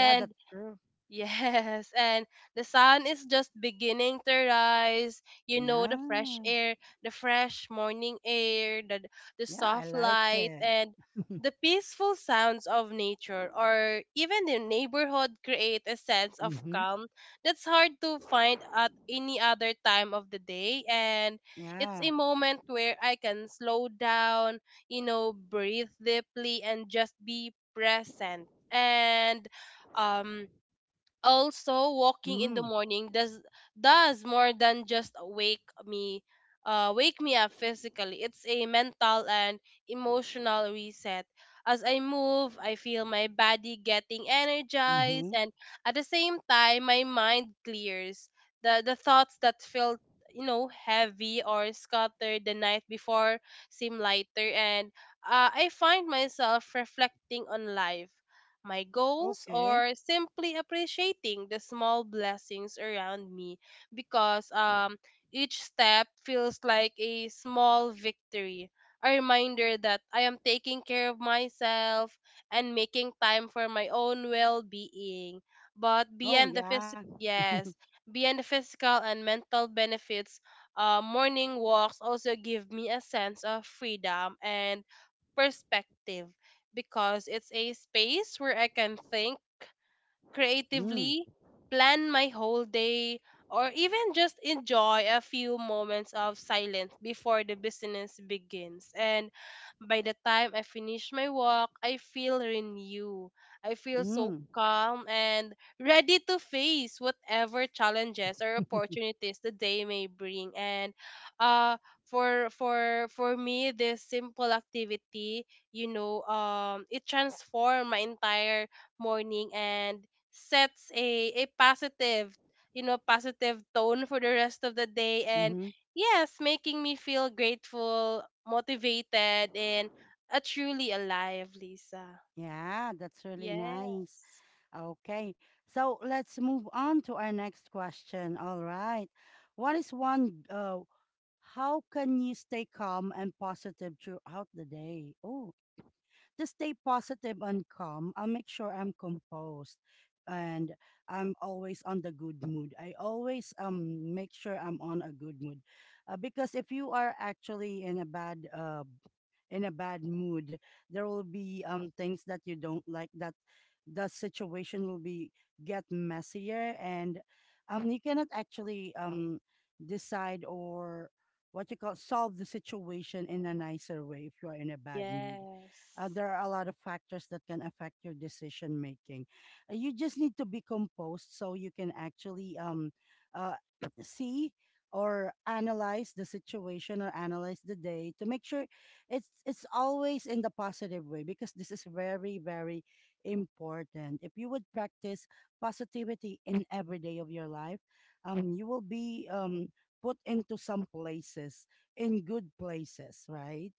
Speaker 1: Yeah. That's true.
Speaker 2: yes, and the sun is just beginning to rise. You know, the fresh
Speaker 1: Yeah.
Speaker 2: air, the fresh morning air, the
Speaker 1: Yeah. I
Speaker 2: soft
Speaker 1: like
Speaker 2: light,
Speaker 1: it.
Speaker 2: and the peaceful sounds of nature, or even the neighborhood, create a sense of
Speaker 1: Mm-hmm.
Speaker 2: calm that's hard to find at any other time of the day. And it's a
Speaker 1: Yeah.
Speaker 2: moment where I can slow down, breathe deeply, and just be present. And um also, walking in the
Speaker 1: Mm.
Speaker 2: morning does more than just wake me up physically. It's a mental and emotional reset. As I move, I feel my body getting energized,
Speaker 1: Mm-hmm.
Speaker 2: and at the same time my mind clears. The thoughts that felt, heavy or scattered the night before, seem lighter, and, I find myself reflecting on life, my goals,
Speaker 1: Okay.
Speaker 2: or simply appreciating the small blessings around me, because, each step feels like a small victory. A reminder that I am taking care of myself and making time for my own well being. But
Speaker 1: Oh
Speaker 2: beyond the
Speaker 1: yeah.
Speaker 2: physical, yes, beyond the physical and mental benefits, morning walks also give me a sense of freedom and perspective, because it's a space where I can think
Speaker 1: Mm.
Speaker 2: creatively, plan my whole day, or even just enjoy a few moments of silence before the business begins. And by the time I finish my walk, I feel renewed. I feel so
Speaker 1: Mm.
Speaker 2: calm and ready to face whatever challenges or opportunities the day may bring. And, uh for me, this simple activity, it transformed my entire morning and sets a positive, positive tone for the rest of the day. And
Speaker 1: Mm-hmm.
Speaker 2: yes, making me feel grateful, motivated, and a truly alive, Lisa.
Speaker 1: Yeah, that's really nice.
Speaker 2: Yes.
Speaker 1: Okay. So let's move on to our next question. All right. What is one How can you stay calm and positive throughout the day? Oh, to stay positive and calm, I'll make sure I'm composed and I'm always on the good mood. I always make sure I'm on a good mood. Because if you are actually in a bad mood, there will be things that you don't like, that the situation will be get messier, and you cannot actually decide or what you call solve the situation in a nicer way if you are in a bad mood.
Speaker 2: Yes.
Speaker 1: There are a lot of factors that can affect your decision making. You just need to be composed so you can actually uh, [clears throat] see or analyze the situation or analyze the day to make sure it's always in the positive way, because this is very, very important. If you would practice positivity in every day of your life, you will be put into some places, in good places, right?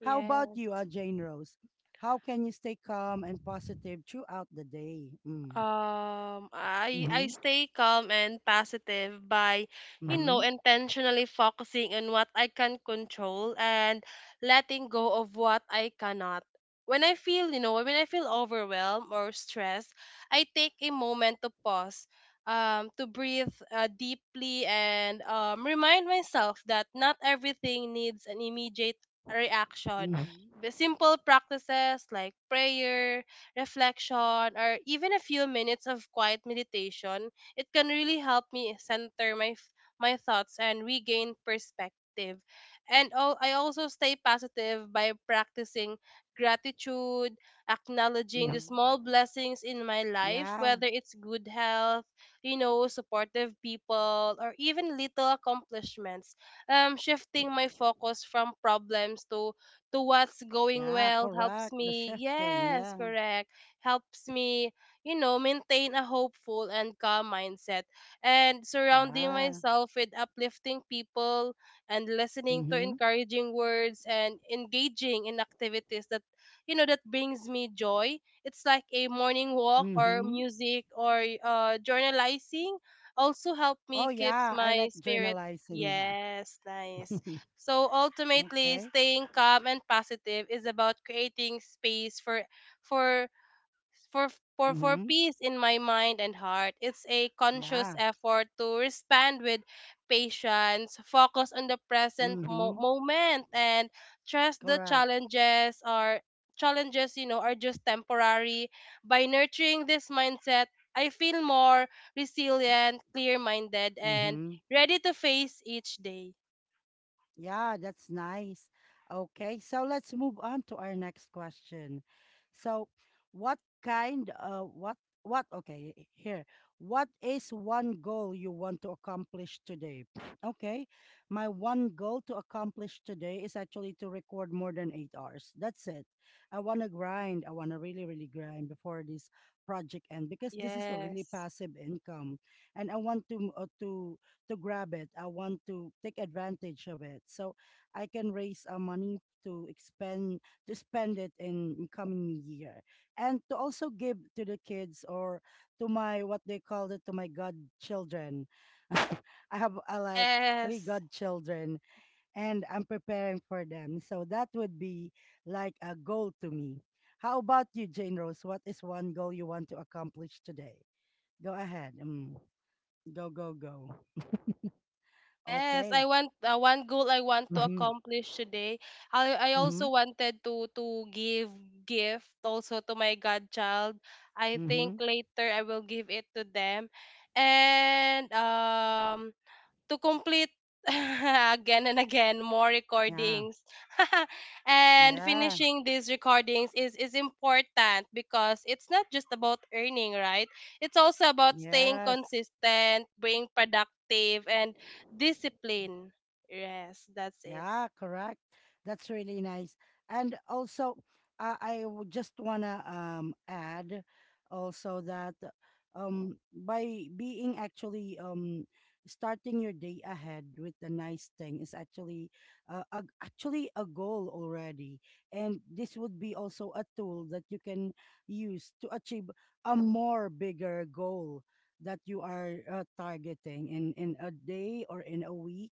Speaker 1: How about you,
Speaker 2: Yes.
Speaker 1: Jane Rose? How can you stay calm and positive throughout the day? Mm.
Speaker 2: I
Speaker 1: Mm-hmm.
Speaker 2: stay calm and positive by,
Speaker 1: Mm-hmm.
Speaker 2: intentionally focusing on what I can control and letting go of what I cannot. When I feel, when I feel overwhelmed or stressed, I take a moment to pause, to breathe, deeply, and, remind myself that not everything needs an immediate reaction.
Speaker 1: Mm-hmm.
Speaker 2: The simple practices like prayer, reflection, or even a few minutes of quiet meditation, it can really help me center my thoughts and regain perspective. And oh, I also stay positive by practicing gratitude, acknowledging
Speaker 1: Mm-hmm.
Speaker 2: the small blessings in my life,
Speaker 1: Yeah.
Speaker 2: whether it's good health, supportive people, or even little accomplishments. Shifting my focus from problems to what's going
Speaker 1: Yeah,
Speaker 2: well helps
Speaker 1: correct. The
Speaker 2: me,
Speaker 1: shifting.
Speaker 2: yes,
Speaker 1: Yeah.
Speaker 2: correct, helps me, maintain a hopeful and calm mindset. And surrounding
Speaker 1: Ah.
Speaker 2: myself with uplifting people and listening to
Speaker 1: Mm-hmm.
Speaker 2: encouraging words and engaging in activities that, that brings me joy. It's like a morning walk or
Speaker 1: Mm-hmm.
Speaker 2: music or, journalizing also help
Speaker 1: Oh
Speaker 2: me keeps
Speaker 1: yeah, I like
Speaker 2: my spirit.
Speaker 1: journalizing, yeah.
Speaker 2: Yes, nice.
Speaker 1: [laughs]
Speaker 2: So ultimately,
Speaker 1: Okay.
Speaker 2: staying calm and positive is about creating space for for for
Speaker 1: Mm-hmm.
Speaker 2: peace in my mind and heart. It's a conscious
Speaker 1: Yeah.
Speaker 2: effort to respond with patience, focus on the present
Speaker 1: Mm-hmm.
Speaker 2: moment, and trust the
Speaker 1: Correct.
Speaker 2: challenges are just temporary. By nurturing this mindset, I feel more resilient, clear-minded, and
Speaker 1: Mm-hmm.
Speaker 2: ready to face each day.
Speaker 1: Yeah, that's nice. Okay, so let's move on to our next question. So, what kind what okay, h- here. What is one goal you want to accomplish today? [sniffs] Okay. My one goal to accomplish today is actually to record more than 8 hours. That's it. I want to grind. I want to really, really grind before this project end, because this is a really
Speaker 2: Yes.
Speaker 1: passive income, and I want to to grab it. I want to take advantage of it. So I can raise money to expend to spend it in coming new year, and to also give to the kids or to my what they call it, to my godchildren. [laughs] I have like three
Speaker 2: Yes.
Speaker 1: godchildren and I'm preparing for them. So that would be like a goal to me. How about you, Jane Rose? What is one goal you want to accomplish today? Go ahead. Mm. Go, go, go.
Speaker 2: Yes,
Speaker 1: Okay.
Speaker 2: I want, one goal I want to
Speaker 1: Mm-hmm.
Speaker 2: accomplish today. I
Speaker 1: Mm-hmm.
Speaker 2: also wanted to give gift also to my godchild. I
Speaker 1: Mm-hmm.
Speaker 2: think later I will give it to them. And to complete [laughs] again and again more
Speaker 1: Yeah.
Speaker 2: recordings, [laughs] and
Speaker 1: Yeah.
Speaker 2: finishing these recordings is important, because it's not just about earning, right? It's also about staying
Speaker 1: Yes.
Speaker 2: consistent, being productive, and discipline. Yes, that's it.
Speaker 1: Yeah, correct. That's really nice. And also, I would just wanna add also that by being actually starting your day ahead with a nice thing is actually actually a goal already, and this would be also a tool that you can use to achieve a more bigger goal that you are targeting in a day, or in a week,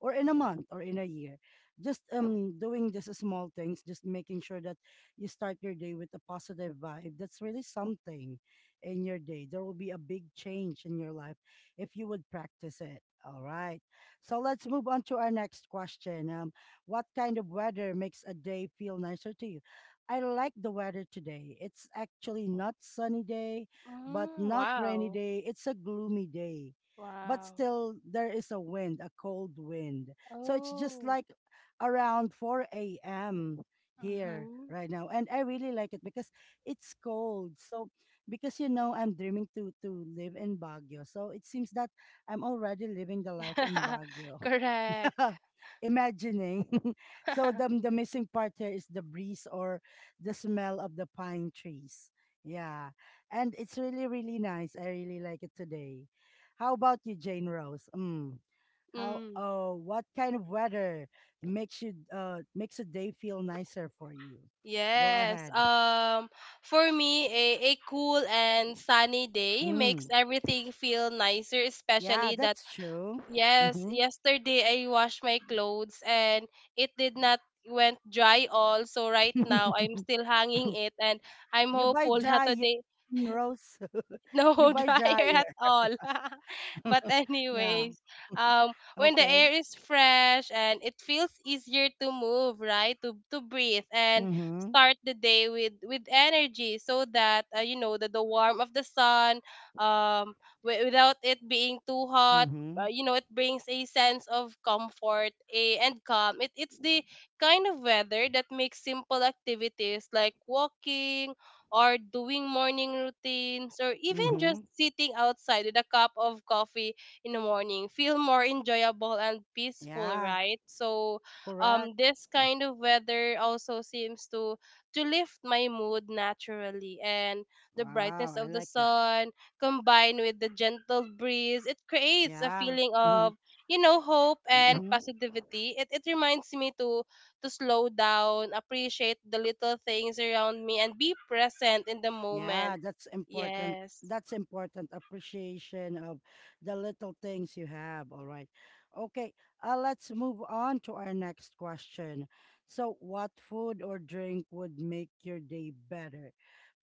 Speaker 1: or in a month, or in a year. Just doing just small things, just making sure that you start your day with a positive vibe, that's really something. In your day there will be a big change in your life if you would practice it. All right, so let's move on to our next question. What kind of weather makes a day feel nicer to you? I like the weather today. It's actually not sunny day, but
Speaker 2: Mm,
Speaker 1: not rainy
Speaker 2: wow.
Speaker 1: day. It's a gloomy day, but
Speaker 2: Wow.
Speaker 1: still there is a wind, a cold wind. So it's just
Speaker 2: Oh.
Speaker 1: like around 4 a.m. here
Speaker 2: Mm-hmm.
Speaker 1: right now. And I really like it because it's cold. So because you know I'm dreaming to live in Baguio. So it seems that I'm already living the life in
Speaker 2: [laughs]
Speaker 1: Baguio.
Speaker 2: correct.
Speaker 1: [laughs] Imagining. [laughs] So the
Speaker 2: [laughs]
Speaker 1: the missing part here is the breeze, or the smell of the pine trees. Yeah, and it's really, really nice. I really like it today. How about you, Jane Rose? Mm. How?
Speaker 2: mm.
Speaker 1: Oh, what kind of weather makes a day feel nicer for you? Go
Speaker 2: Yes.
Speaker 1: ahead.
Speaker 2: For me, a cool and sunny day makes
Speaker 1: Mm.
Speaker 2: everything feel nicer,
Speaker 1: Yeah,
Speaker 2: especially that.
Speaker 1: that's true.
Speaker 2: Yes,
Speaker 1: Hmm.
Speaker 2: yesterday I washed my clothes and it did not went dry all, so right now I'm
Speaker 1: [laughs]
Speaker 2: still hanging it, and I'm
Speaker 1: You buy
Speaker 2: hopeful [laughs] that
Speaker 1: dryer,
Speaker 2: today.
Speaker 1: Rose.
Speaker 2: No
Speaker 1: [laughs] You
Speaker 2: [laughs]
Speaker 1: buy
Speaker 2: dryer
Speaker 1: dryer.
Speaker 2: at all. [laughs] but
Speaker 1: Yeah.
Speaker 2: anyways, um, when the
Speaker 1: Okay.
Speaker 2: air is fresh and it feels easier to move, right? To breathe and
Speaker 1: Mhm.
Speaker 2: start the day with energy, so that, that the warmth of the sun, um, without it being too hot.
Speaker 1: Mhm.
Speaker 2: It brings a sense of comfort and calm. It's the kind of weather that makes simple activities like walking or doing morning routines or even just
Speaker 1: Mhm.
Speaker 2: sitting outside with a cup of coffee in the morning feel more enjoyable and peaceful,
Speaker 1: Yeah.
Speaker 2: right? So
Speaker 1: Correct.
Speaker 2: this kind of weather also seems to lift my mood naturally, and the
Speaker 1: Wow.
Speaker 2: brightness
Speaker 1: I
Speaker 2: of the
Speaker 1: like it.
Speaker 2: sun combined with the gentle breeze, it creates a
Speaker 1: Yeah.
Speaker 2: feeling
Speaker 1: Mhm.
Speaker 2: of, hope and
Speaker 1: Mhm.
Speaker 2: positivity. It reminds me to slow down, appreciate the little things around me, and be present in the moment.
Speaker 1: Yeah, that's important.
Speaker 2: Yes.
Speaker 1: That's important, appreciation of the little things you have. All right. Okay, let's move on to our next question. So, what food or drink would make your day better?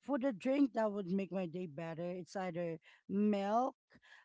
Speaker 1: Food or drink that would make my day better, it's either milk,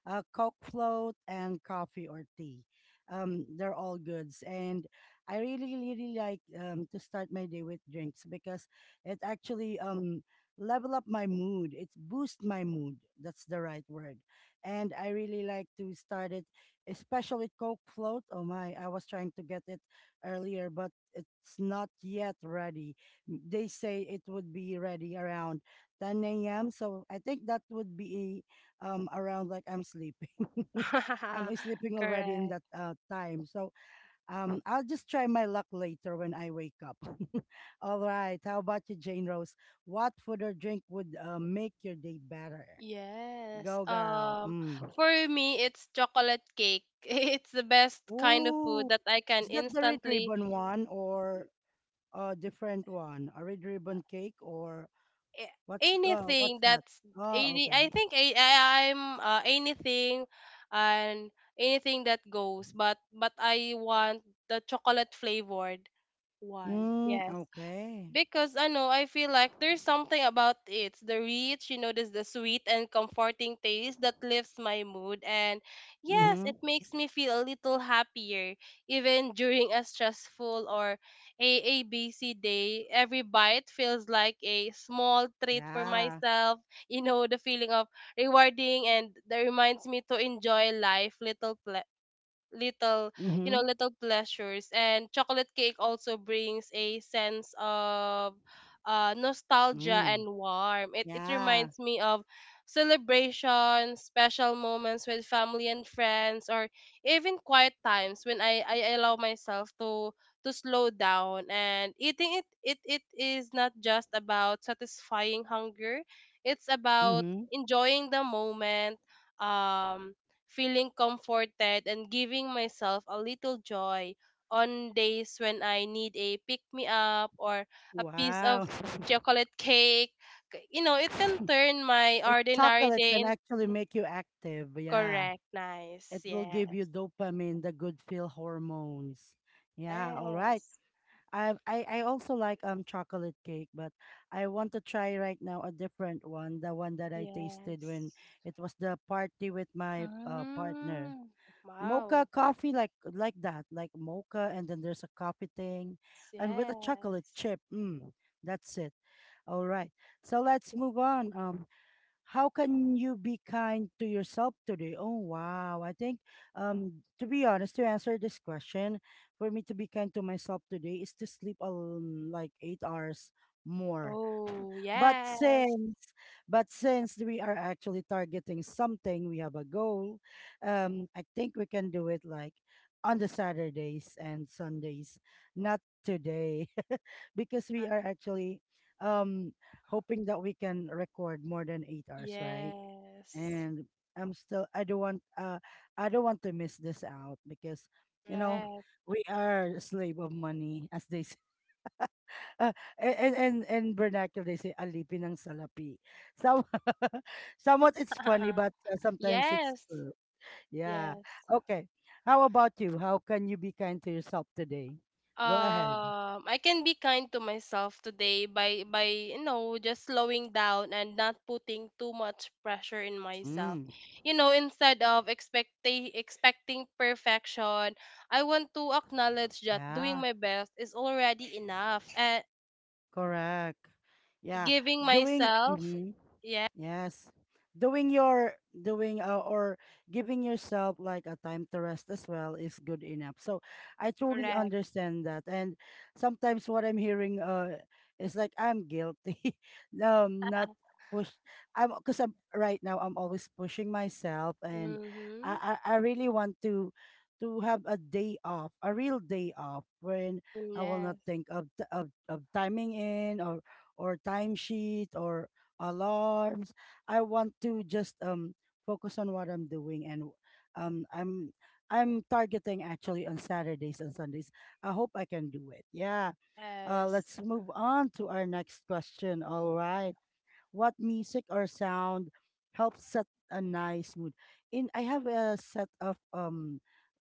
Speaker 1: Coke float, and coffee or tea. They're all goods. And I really, really like to start my day with drinks, because it actually level up my mood. It's boost my mood. That's the right word. And I really like to start it, especially with Coke Float. Oh my, I was trying to get it earlier, but it's not yet ready. They say it would be ready around 10 a.m. So I think that would be around like I'm sleeping. [laughs] I'm
Speaker 2: [laughs]
Speaker 1: sleeping already in
Speaker 2: Correct.
Speaker 1: that time. So I'll just try my luck later when I wake up. [laughs] All right. How about you, Jane Rose? What food or drink would make your day better?
Speaker 2: Yes.
Speaker 1: Go, girl. Mm.
Speaker 2: For me, it's chocolate cake. [laughs] It's the best kind of food
Speaker 1: Ooh,
Speaker 2: that I can
Speaker 1: is that the red
Speaker 2: instantly.
Speaker 1: ribbon one, or a different one? A red ribbon cake or what's
Speaker 2: Anything
Speaker 1: that?
Speaker 2: that's
Speaker 1: Oh,
Speaker 2: any.
Speaker 1: okay.
Speaker 2: I think, I'm anything and anything that goes, but I want the chocolate flavored one.
Speaker 1: Mm,
Speaker 2: Yes.
Speaker 1: okay.
Speaker 2: Because I know, I feel like there's something about it. The rich, there's the sweet and comforting taste that lifts my mood and yes,
Speaker 1: Mm-hmm.
Speaker 2: it makes me feel a little happier even [laughs] during a stressful or a ABC day. Every bite feels like a small treat for
Speaker 1: Yeah.
Speaker 2: myself. The feeling of rewarding, and that reminds me to enjoy life, little little you know
Speaker 1: Mm-hmm.
Speaker 2: little pleasures. And chocolate cake also brings a sense of, nostalgia
Speaker 1: Mm.
Speaker 2: and warmth. It
Speaker 1: Yeah.
Speaker 2: reminds me of celebrations, special moments with family and friends, or even quiet times when, I allow myself to slow down. And eating it, it is not just about satisfying hunger, it's about
Speaker 1: Mm-hmm.
Speaker 2: enjoying the moment, um feeling comforted and giving myself a little joy on days when I need a pick me up or a piece of
Speaker 1: Wow.
Speaker 2: chocolate [laughs] cake. You know, it can turn my
Speaker 1: It
Speaker 2: ordinary
Speaker 1: chocolate
Speaker 2: day
Speaker 1: can
Speaker 2: in.
Speaker 1: actually make you active. Yeah.
Speaker 2: Correct. Nice.
Speaker 1: It will give you
Speaker 2: Yes.
Speaker 1: dopamine, the good feel hormones. Yeah, all right.
Speaker 2: Yes.
Speaker 1: I also like chocolate cake, but I want to try right now a different one, the one that I tasted when
Speaker 2: Yes.
Speaker 1: it was the party with my partner.
Speaker 2: Mm.
Speaker 1: Mocha
Speaker 2: Wow.
Speaker 1: coffee, like that, like mocha, and then there's a coffee thing and with a chocolate
Speaker 2: Yes.
Speaker 1: chip. Mm, that's it. All right. So let's move on. How can you be kind to yourself today? Oh, wow. I think, to be honest, to answer this question, for me to be kind to myself today is to sleep like 8 hours more.
Speaker 2: Oh,
Speaker 1: But
Speaker 2: yes.
Speaker 1: since but since we are actually targeting something, we have a goal. I think we can do it like on the Saturdays and Sundays, not today, [laughs] because we are actually um hoping that we can record more than 8 hours, right?
Speaker 2: Yes.
Speaker 1: And I don't want I don't want to miss this out, because you know
Speaker 2: Correct.
Speaker 1: we are slave of money as they [laughs] Uh, and vernacular they say alipin ng salapi. Some [laughs] somewhat it's funny, but
Speaker 2: [laughs]
Speaker 1: sometimes it's
Speaker 2: yes.
Speaker 1: true. Yeah.
Speaker 2: Yes.
Speaker 1: Okay. How about you? How can you be kind to yourself today? Go ahead.
Speaker 2: I can be kind to myself today by just slowing down and not putting too much pressure in myself.
Speaker 1: Mm.
Speaker 2: Instead of expecting perfection, I want to acknowledge that doing
Speaker 1: Yeah.
Speaker 2: my best is already enough, and
Speaker 1: Correct.
Speaker 2: and
Speaker 1: Yeah.
Speaker 2: giving
Speaker 1: Doing.
Speaker 2: myself.
Speaker 1: Mm-hmm.
Speaker 2: Yeah,
Speaker 1: Yes. Doing your doing or giving yourself like a time to rest as well is good enough. So I truly
Speaker 2: correct.
Speaker 1: understand that. And sometimes what I'm hearing is like I'm guilty. [laughs] Not push I'm Because I'm right now I'm always pushing myself, and
Speaker 2: Mhm.
Speaker 1: I really want to have a day off, a real day off, when
Speaker 2: Mm,
Speaker 1: I will
Speaker 2: yes.
Speaker 1: not think of of timing in, or timesheet, or alarms. I want to just focus on what I'm doing, and um I'm I'm targeting actually on Saturdays and Sundays. I hope I can do it. Yeah. Uh,
Speaker 2: Yes.
Speaker 1: let's move on to our next question. All right. What music or sound helps set a nice mood? In I have a set of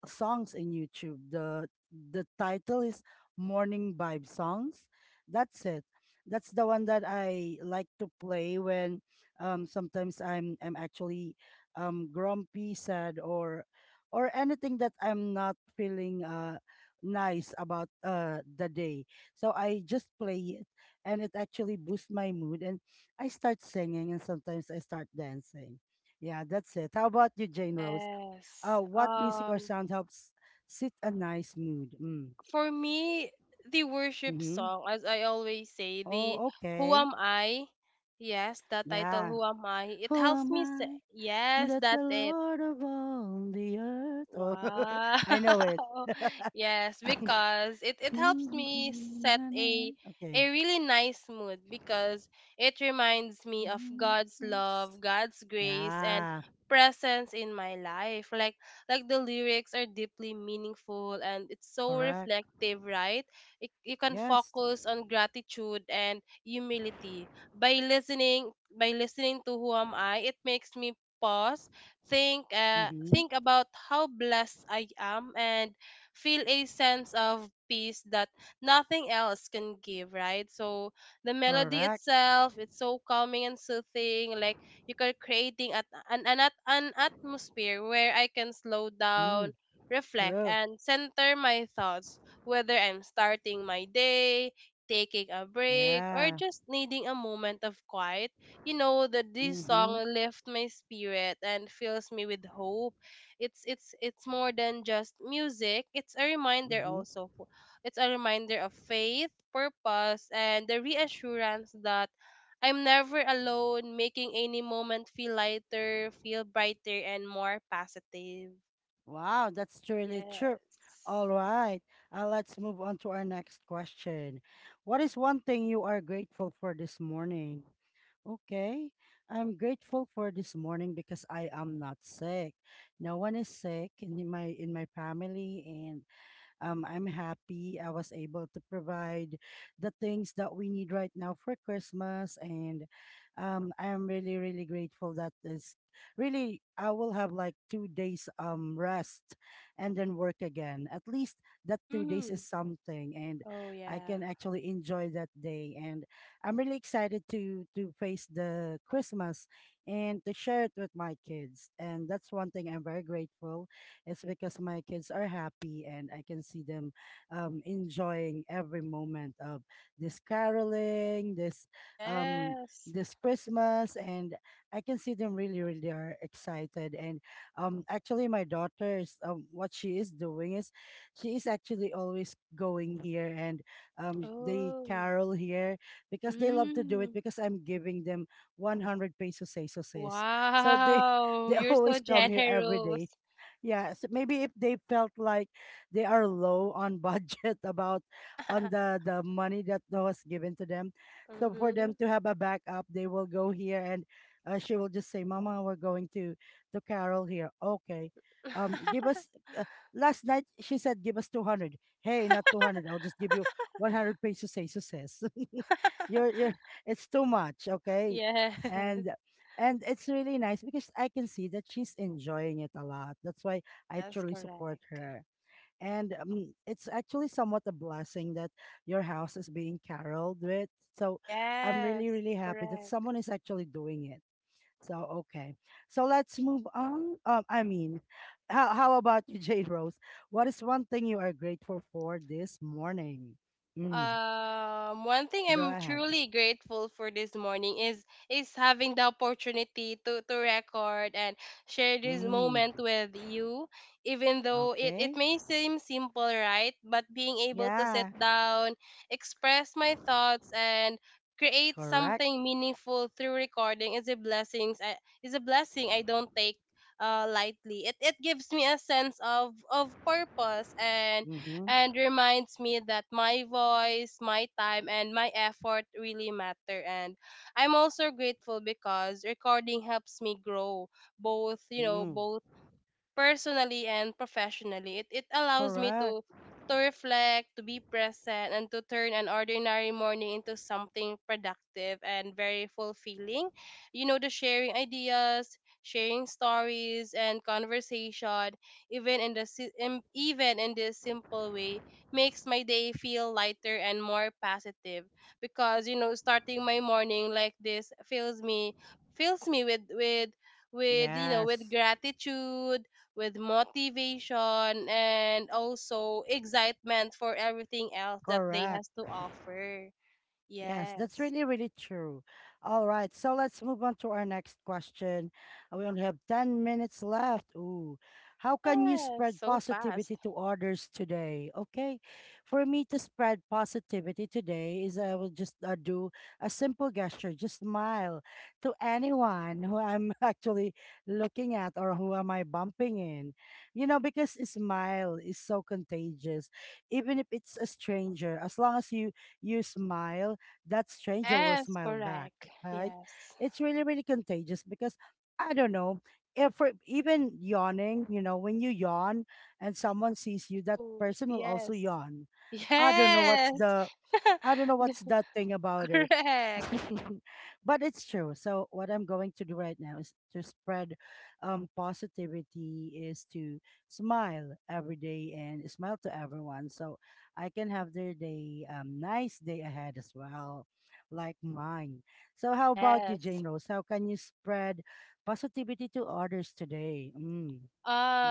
Speaker 1: songs in YouTube. The title is Morning Vibe Songs. That's it. That's the one that I like to play when sometimes I'm actually grumpy, sad, or anything that I'm not feeling nice about the day. So I just play it, and it actually boosts my mood, and I start singing, and sometimes I start dancing. Yeah, that's it. How about you, Jane Rose? Oh,
Speaker 2: Yes.
Speaker 1: what music or
Speaker 2: Um,
Speaker 1: sound helps sit a nice mood? Mm.
Speaker 2: for me, the worship
Speaker 1: Mm-hmm.
Speaker 2: song, as I always say, the
Speaker 1: Oh,
Speaker 2: Who
Speaker 1: okay.
Speaker 2: Am I? Yes, that title,
Speaker 1: Yeah.
Speaker 2: Who Am I? It
Speaker 1: Who
Speaker 2: helps
Speaker 1: am
Speaker 2: me say,
Speaker 1: I,
Speaker 2: yes,
Speaker 1: that the
Speaker 2: that's it.
Speaker 1: Lord of all the earth? Oh,
Speaker 2: Wow.
Speaker 1: [laughs] I know it.
Speaker 2: [laughs]
Speaker 1: [laughs]
Speaker 2: Yes, because it helps me set a
Speaker 1: Okay.
Speaker 2: really nice mood because it reminds me of God's
Speaker 1: Yes.
Speaker 2: love, God's grace and
Speaker 1: Yeah.
Speaker 2: presence in my life. Like the lyrics are deeply meaningful and it's so
Speaker 1: Correct.
Speaker 2: reflective, right? It, you can
Speaker 1: Yes.
Speaker 2: focus on gratitude and humility. By listening to Who Am I, it makes me pause,
Speaker 1: Mm-hmm.
Speaker 2: think about how blessed I am and feel a sense of peace that nothing else can give, right? So the melody
Speaker 1: Correct.
Speaker 2: itself, it's so calming and soothing, like you are creating at an, at- an atmosphere where I can slow down,
Speaker 1: Mm.
Speaker 2: reflect
Speaker 1: True.
Speaker 2: and center my thoughts, whether I'm starting my day, taking a break or
Speaker 1: Yeah.
Speaker 2: just needing a moment of quiet. You know that this
Speaker 1: Mm-hmm.
Speaker 2: song lifts my spirit and fills me with hope. It's more than just music.
Speaker 1: Mm-hmm.
Speaker 2: It's a reminder of faith, purpose and the reassurance that I'm never alone, making any moment feel lighter, feel brighter and more positive.
Speaker 1: Wow, that's really true.
Speaker 2: Yes.
Speaker 1: All right, let's move on to our next question. What is one thing you are grateful for this morning? Okay, I'm grateful for this morning because I am not sick. No one is sick in my family, and I'm happy I was able to provide the things that we need right now for Christmas. And I'm really, really grateful that this really, I will have like 2 days rest and then work again. At least that 2 days
Speaker 2: Mm.
Speaker 1: is something. And
Speaker 2: Oh,
Speaker 1: I
Speaker 2: yeah.
Speaker 1: can actually enjoy that day. And I'm really excited to face the Christmas and to share it with my kids. And that's one thing I'm very grateful it's because my kids are happy and I can see them enjoying every moment of this caroling, um,
Speaker 2: Yes.
Speaker 1: this Christmas, and I can see them really, really are excited. And actually, my daughter is what she is doing is she is actually always going here and they
Speaker 2: Oh.
Speaker 1: carol here because they love to do it
Speaker 2: Mm.
Speaker 1: because I'm giving them 100 pesos pesos. So they [laughs]
Speaker 2: Wow,
Speaker 1: they
Speaker 2: you're
Speaker 1: always
Speaker 2: so
Speaker 1: come here every day.
Speaker 2: generous.
Speaker 1: Yes, maybe if they felt like they are low on budget [laughs] about on
Speaker 2: [laughs]
Speaker 1: the money that was given to them, so for them
Speaker 2: Mhm.
Speaker 1: to have a backup, they will go here and she will just say, "Mama, we're going to Carol here." Okay, give us. Uh,
Speaker 2: [laughs]
Speaker 1: Last night she said, "Give us 200. Hey, not 200. I'll just give you 100 pesos. Say success. [laughs] You're. It's too much." Okay,
Speaker 2: Yes.
Speaker 1: and
Speaker 2: [laughs]
Speaker 1: and it's really nice because I can see that she's enjoying it a lot. That's why I
Speaker 2: Yes,
Speaker 1: truly support
Speaker 2: correct.
Speaker 1: her. And it's actually somewhat a blessing that your house is being caroled with. So I'm really,
Speaker 2: Yes,
Speaker 1: really happy that
Speaker 2: correct.
Speaker 1: someone is actually doing it. So, okay. So let's move on. I mean, how about you, [laughs] Jade Rose? What is one thing you are grateful for this morning? Mm,
Speaker 2: One thing
Speaker 1: go
Speaker 2: I'm
Speaker 1: ahead.
Speaker 2: truly grateful for this morning is having the opportunity to record and share this
Speaker 1: Mm,
Speaker 2: moment with you. Even though it
Speaker 1: okay.
Speaker 2: may seem simple, right? But being able to sit
Speaker 1: Yeah,
Speaker 2: down, express my thoughts, and create
Speaker 1: correct.
Speaker 2: something meaningful through recording is a blessing. Is a blessing I don't take lightly. It gives me a sense of purpose
Speaker 1: Mm-hmm.
Speaker 2: and reminds me that my voice, my time, and my effort really matter. And I'm also grateful because recording helps me grow both, you know,
Speaker 1: Mm.
Speaker 2: both personally and professionally. It allows me
Speaker 1: Correct.
Speaker 2: to reflect, to be present, and to turn an ordinary morning into something productive and very fulfilling. You know, the sharing ideas, sharing stories, and conversation, even in the even in this simple way, makes my day feel lighter and more positive. Because you know, starting my morning like this fills me with you know with
Speaker 1: Yes.
Speaker 2: gratitude, with motivation and also excitement for everything else that they
Speaker 1: Correct.
Speaker 2: has to offer.
Speaker 1: Yes, that's
Speaker 2: Yes.
Speaker 1: really, really true. All right, so let's move on to our next question. We only have 10 minutes left. Ooh, how can you
Speaker 2: Yes,
Speaker 1: spread
Speaker 2: so
Speaker 1: positivity
Speaker 2: fast.
Speaker 1: to others today? Okay, for me to spread positivity today is I will just do a simple gesture, just smile to anyone who I'm [laughs] actually looking at or who am I bumping in. You know, because a smile is so contagious, even if it's a stranger, as long as you smile that stranger will
Speaker 2: Yes,
Speaker 1: smile back,
Speaker 2: correct.
Speaker 1: right?
Speaker 2: Yes.
Speaker 1: It's really, really contagious because I don't know if we're- even yawning, you know, when you yawn and someone sees you, that
Speaker 2: Oh,
Speaker 1: person will also
Speaker 2: yes.
Speaker 1: yawn. I don't know what's
Speaker 2: Yes.
Speaker 1: the I don't know what's that thing
Speaker 2: [laughs]
Speaker 1: about it.
Speaker 2: Correct.
Speaker 1: [laughs] But it's true. So what I'm going to do right now is to spread positivity is to smile every day and smile to everyone so I can have their day nice day ahead as well, like mine. So how about you,
Speaker 2: Yes.
Speaker 1: Jane Rose? How can you spread positivity to others today? Mm.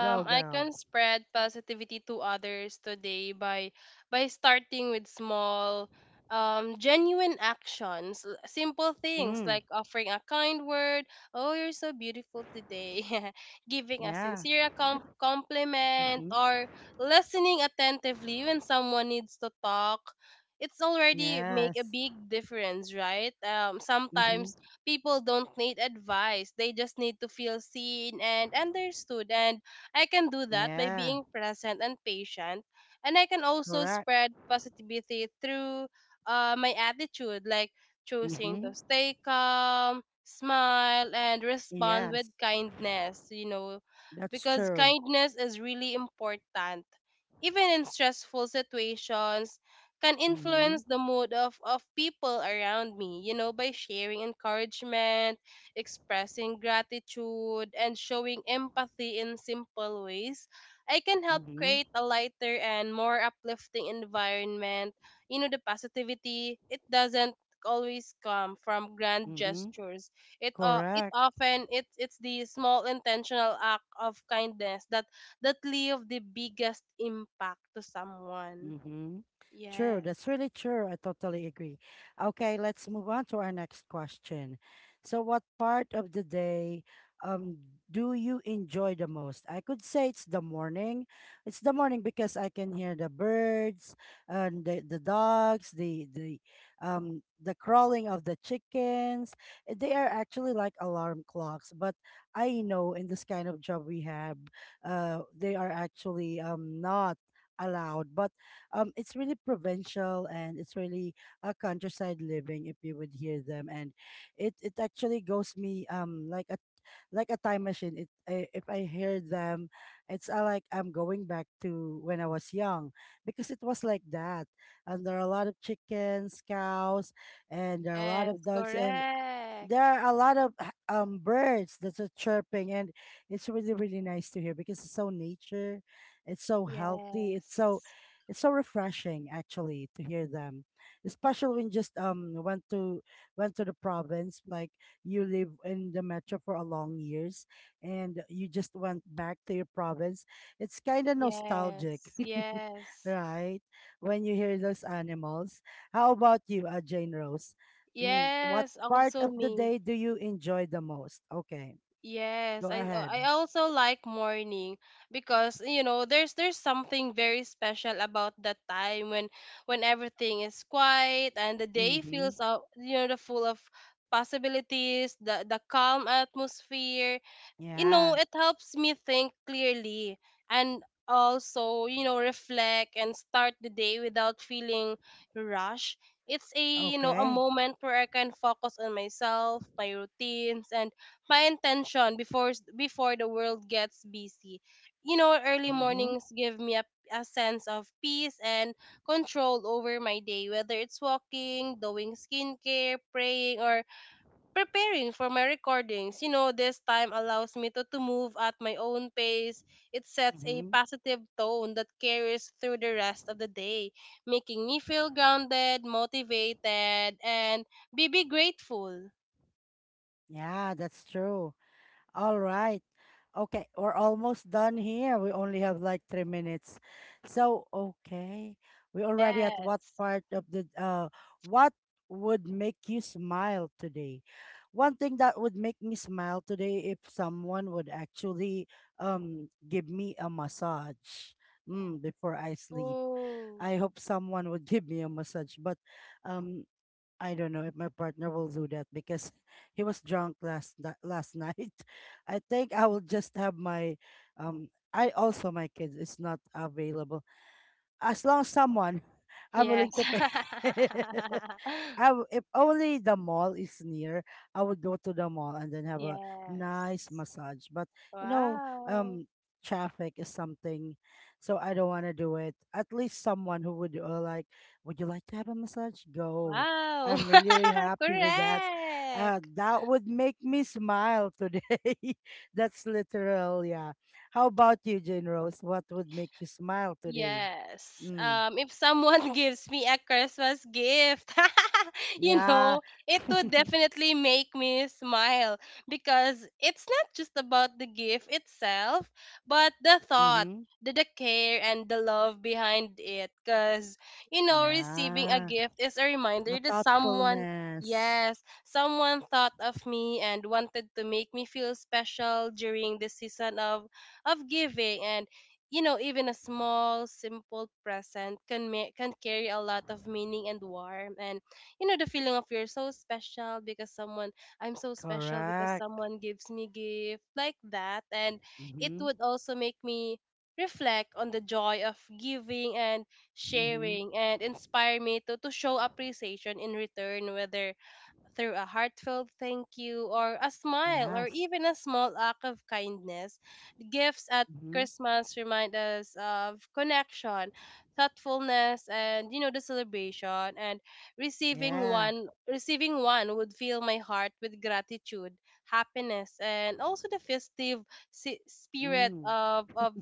Speaker 1: Go
Speaker 2: I
Speaker 1: girl.
Speaker 2: can spread positivity to others today by starting with small, genuine actions, simple things
Speaker 1: Mm.
Speaker 2: like offering a kind word, "Oh, you're so beautiful today," [laughs] giving a
Speaker 1: Yeah.
Speaker 2: sincere compliment,
Speaker 1: Hmm.
Speaker 2: or listening attentively when someone needs to talk. It's already make a
Speaker 1: Yes.
Speaker 2: big difference, right?
Speaker 1: Hmm.
Speaker 2: Sometimes people don't need advice. They just need to feel seen and understood. And I can do that by
Speaker 1: Yeah.
Speaker 2: being present and patient. And I can also
Speaker 1: Correct.
Speaker 2: spread positivity through my attitude, like choosing
Speaker 1: Hmm.
Speaker 2: to stay calm, smile, and respond with
Speaker 1: Yes.
Speaker 2: kindness, you know,
Speaker 1: That's
Speaker 2: because
Speaker 1: true.
Speaker 2: kindness is really important. Even in stressful situations, can
Speaker 1: Mm-hmm.
Speaker 2: influence the mood of people around me, you know, by sharing encouragement, expressing gratitude, and showing empathy in simple ways. I can help
Speaker 1: Mm-hmm.
Speaker 2: create a lighter and more uplifting environment. You know, the positivity, it doesn't always come from grand
Speaker 1: Mm-hmm.
Speaker 2: gestures. it uh, it
Speaker 1: Correct.
Speaker 2: often it's the small intentional act of kindness that that leave the biggest impact to someone.
Speaker 1: Mm-hmm. True.
Speaker 2: Yes.
Speaker 1: That's really true. I totally agree. Okay, let's move on to our next question. So, what part of the day um do you enjoy the most? I could say it's the morning. It's the morning because I can hear the birds and the dogs, the the crawling of the chickens. They are actually like alarm clocks, but I know in this kind of job we have, they are actually not allowed but it's really provincial and it's really a countryside living if you would hear them. And it actually goes me like a time machine. If I hear them, it's like I'm going back to when I was young because it was like that. And there are a lot of chickens, cows, and there are a lot
Speaker 2: Yes,
Speaker 1: of dogs. And there
Speaker 2: correct.
Speaker 1: are a lot of birds that's a chirping and it's really really nice to hear because it's so nature, it's so healthy, it's so,
Speaker 2: Yes.
Speaker 1: it's so refreshing actually to hear them, especially when just went to the province. Like you live in the metro for a long years and you just went back to your province, it's kind of nostalgic.
Speaker 2: Yes.
Speaker 1: [laughs]
Speaker 2: Yes.
Speaker 1: Right, when you hear those animals. How about you, Jane Rose? Mm, what
Speaker 2: Yes,
Speaker 1: part
Speaker 2: also
Speaker 1: of the
Speaker 2: me.
Speaker 1: day do you enjoy the most? Okay,
Speaker 2: Yes,
Speaker 1: go
Speaker 2: I
Speaker 1: ahead.
Speaker 2: I also like morning because you know there's something very special about that time when everything is quiet and the day feels
Speaker 1: Mm-hmm.
Speaker 2: you know the full of possibilities, the calm atmosphere. You know,
Speaker 1: Yeah.
Speaker 2: it helps me think clearly and also, you know, reflect and start the day without feeling rushed. It's a, you know, a
Speaker 1: Okay.
Speaker 2: moment where I can focus on myself, my routines and my intention before before the world gets busy. You know, early
Speaker 1: Mm-hmm.
Speaker 2: mornings give me a sense of peace and control over my day, whether it's walking, doing skincare, praying or preparing for my recordings. You know, this time allows me to move at my own pace. It sets a
Speaker 1: Mm-hmm.
Speaker 2: positive tone that carries through the rest of the day, making me feel grounded, motivated, and be grateful.
Speaker 1: Yeah, that's true. All right. Okay, we're almost done here. We only have like 3 minutes. So, okay, we already at what
Speaker 2: Yes.
Speaker 1: part of the what would make you smile today? One thing that would make me smile today if someone would actually give me a massage, mm, before I sleep.
Speaker 2: Oh,
Speaker 1: I hope someone would [laughs] give me a massage, but um I don't know if my partner will do that because [laughs] he was drunk last night. [laughs] I think I will just have my I also my kids is not available. As long as someone, [laughs] I'm
Speaker 2: yes.
Speaker 1: willing to pay. [laughs]
Speaker 2: [laughs]
Speaker 1: If only the mall is near, I would go to the mall and then have a nice
Speaker 2: Yes.
Speaker 1: massage. But you know,
Speaker 2: Wow.
Speaker 1: um, traffic is something, so I don't want to do it. At least someone who would like, would you like to have a massage? Go.
Speaker 2: Wow.
Speaker 1: I'm really, really
Speaker 2: [laughs]
Speaker 1: happy with that.
Speaker 2: Correct.
Speaker 1: That would make me smile today. [laughs] That's literal, yeah. How about you, Jane Rose? What would make you smile today?
Speaker 2: Yes.
Speaker 1: Mm.
Speaker 2: If someone [laughs] gives me a Christmas gift, [laughs] you
Speaker 1: Yeah.
Speaker 2: know, it would definitely make me smile because it's not just about the gift itself, but the thought,
Speaker 1: Mm-hmm.
Speaker 2: the care, and the love behind it. Because, you know, receiving a
Speaker 1: Yeah.
Speaker 2: gift is a reminder
Speaker 1: The
Speaker 2: that someone,
Speaker 1: thoughtfulness.
Speaker 2: yes, someone thought of me and wanted to make me feel special during the season of giving. And you know, even a small, simple present can can carry a lot of meaning and warmth, and you know the feeling of you're so special because someone, I'm so special because
Speaker 1: Correct.
Speaker 2: someone gives me gift like that, and it
Speaker 1: Mm-hmm.
Speaker 2: would also make me reflect on the joy of giving and
Speaker 1: Mm-hmm.
Speaker 2: sharing and inspire me to show appreciation in return, whether through a heartfelt thank you or a smile or
Speaker 1: Yes.
Speaker 2: even a small act of kindness. Gifts at
Speaker 1: Mm-hmm.
Speaker 2: Christmas remind us of connection, thoughtfulness and you know the celebration. And receiving
Speaker 1: Yeah.
Speaker 2: one receiving one would fill my heart with gratitude, happiness and also the festive spirit
Speaker 1: Mm.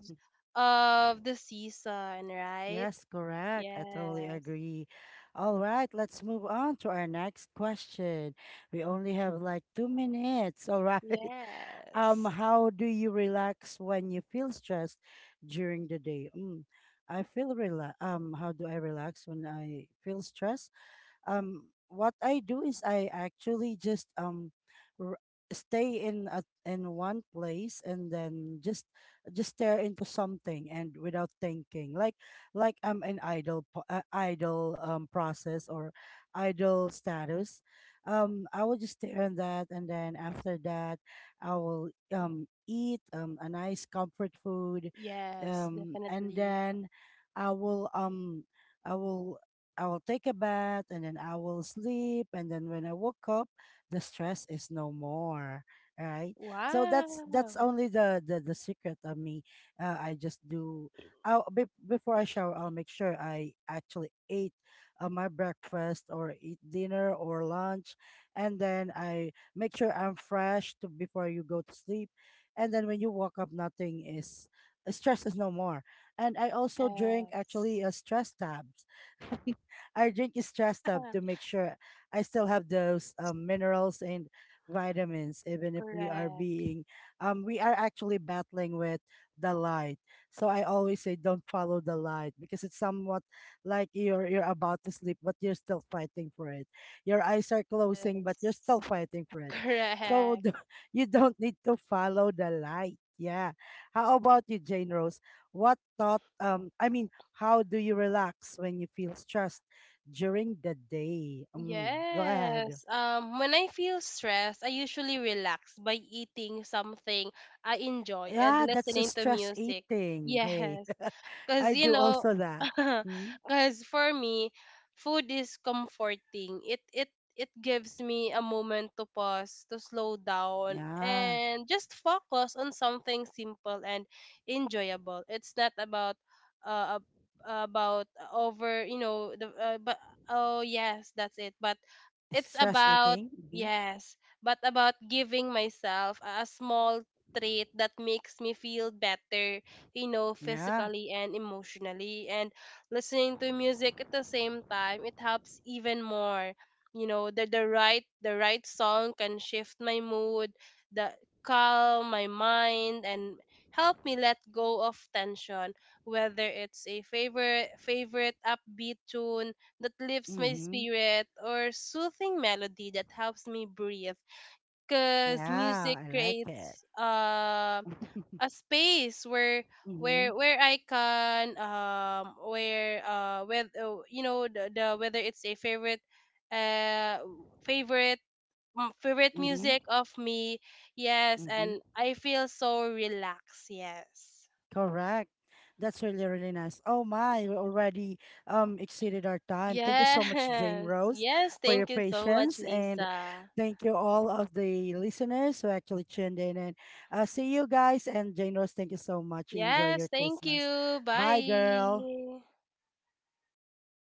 Speaker 2: of the season, right?
Speaker 1: Yes, correct. I totally
Speaker 2: Yes.
Speaker 1: agree. All right, let's move on to our next question. We only have like 2 minutes. All right. [laughs]
Speaker 2: Yes.
Speaker 1: How do you relax when you feel stressed during the day? Mm. I feel relax. How do I relax when I feel stressed? What I do is I actually just r- stay in in one place and then just stare into something and without thinking, like I'm an idle idle process or idle status. I will just stare on that and then after that I will eat a nice comfort food
Speaker 2: Yes,
Speaker 1: and
Speaker 2: definitely.
Speaker 1: then I will um I will I will take a bath and then I will sleep and then when I woke up the stress is no more, right? So that's
Speaker 2: Wow.
Speaker 1: only the secret of me. I just do, before I shower, I'll make sure I actually ate my breakfast or eat dinner or lunch, and then I make sure I'm fresh to before you go to sleep, and then when you wake up nothing is, stress is no more. And I also drink
Speaker 2: Yes.
Speaker 1: actually a stress tabs. [laughs] I drink is stressed up to
Speaker 2: [laughs]
Speaker 1: make sure I still have those minerals and vitamins, even if we are
Speaker 2: Correct.
Speaker 1: being, we are actually battling with the light. So I always say don't follow the light because it's somewhat like you're about to sleep, but you're still fighting for it. Your eyes are closing, but you're
Speaker 2: Yes.
Speaker 1: still fighting for it. So
Speaker 2: Correct.
Speaker 1: [laughs] you don't need to follow the light. Yeah. How about you, Jane Rose? What thought? I mean, how do you relax when you feel stressed during the day? Mm, go ahead.
Speaker 2: Yes. When I feel stressed, I usually relax by eating something I enjoy and
Speaker 1: Yeah, that's a
Speaker 2: listening to
Speaker 1: stress
Speaker 2: music. [laughs]
Speaker 1: eating. Hey,
Speaker 2: Yes.
Speaker 1: [laughs]
Speaker 2: Cause
Speaker 1: I
Speaker 2: you
Speaker 1: do
Speaker 2: know,
Speaker 1: also that.
Speaker 2: [laughs]
Speaker 1: Mm,
Speaker 2: cause for me, food is comforting. It gives me a moment to pause, to slow down,
Speaker 1: yeah,
Speaker 2: and just focus on something simple and enjoyable. It's not about uh ab- about over you know the but oh yes that's it. But it's
Speaker 1: stress
Speaker 2: about
Speaker 1: eating. Hmm.
Speaker 2: yes, but about giving myself a small treat that makes me feel better, you know,
Speaker 1: Yeah.
Speaker 2: physically and emotionally. And listening to music at the same time, it helps even more. You know, the right song can shift my mood, the calm my mind and help me let go of tension, whether it's a favorite upbeat tune that lifts my
Speaker 1: Mm-hmm.
Speaker 2: spirit or soothing melody that helps me breathe, because
Speaker 1: Yeah,
Speaker 2: music
Speaker 1: I like it.
Speaker 2: creates a
Speaker 1: [laughs]
Speaker 2: space where
Speaker 1: Mm-hmm.
Speaker 2: where I can where with you know the whether it's a favorite uh favorite favorite
Speaker 1: Mm-hmm.
Speaker 2: music of me, yes,
Speaker 1: Mm-hmm.
Speaker 2: and I feel so relaxed. Yes.
Speaker 1: Correct. That's really, really nice. Oh my, we already exceeded our time. Thank you so
Speaker 2: Yes.
Speaker 1: much, Jane
Speaker 2: [laughs]
Speaker 1: Rose,
Speaker 2: Yes,
Speaker 1: for your
Speaker 2: thank you so much,
Speaker 1: patience. And
Speaker 2: Lisa.
Speaker 1: thank you all of the listeners who actually tuned in. And see you guys. And Jane Rose, thank you so much. Enjoy your
Speaker 2: Yes, thank
Speaker 1: Christmas.
Speaker 2: you,
Speaker 1: Bye, girl.
Speaker 2: bye.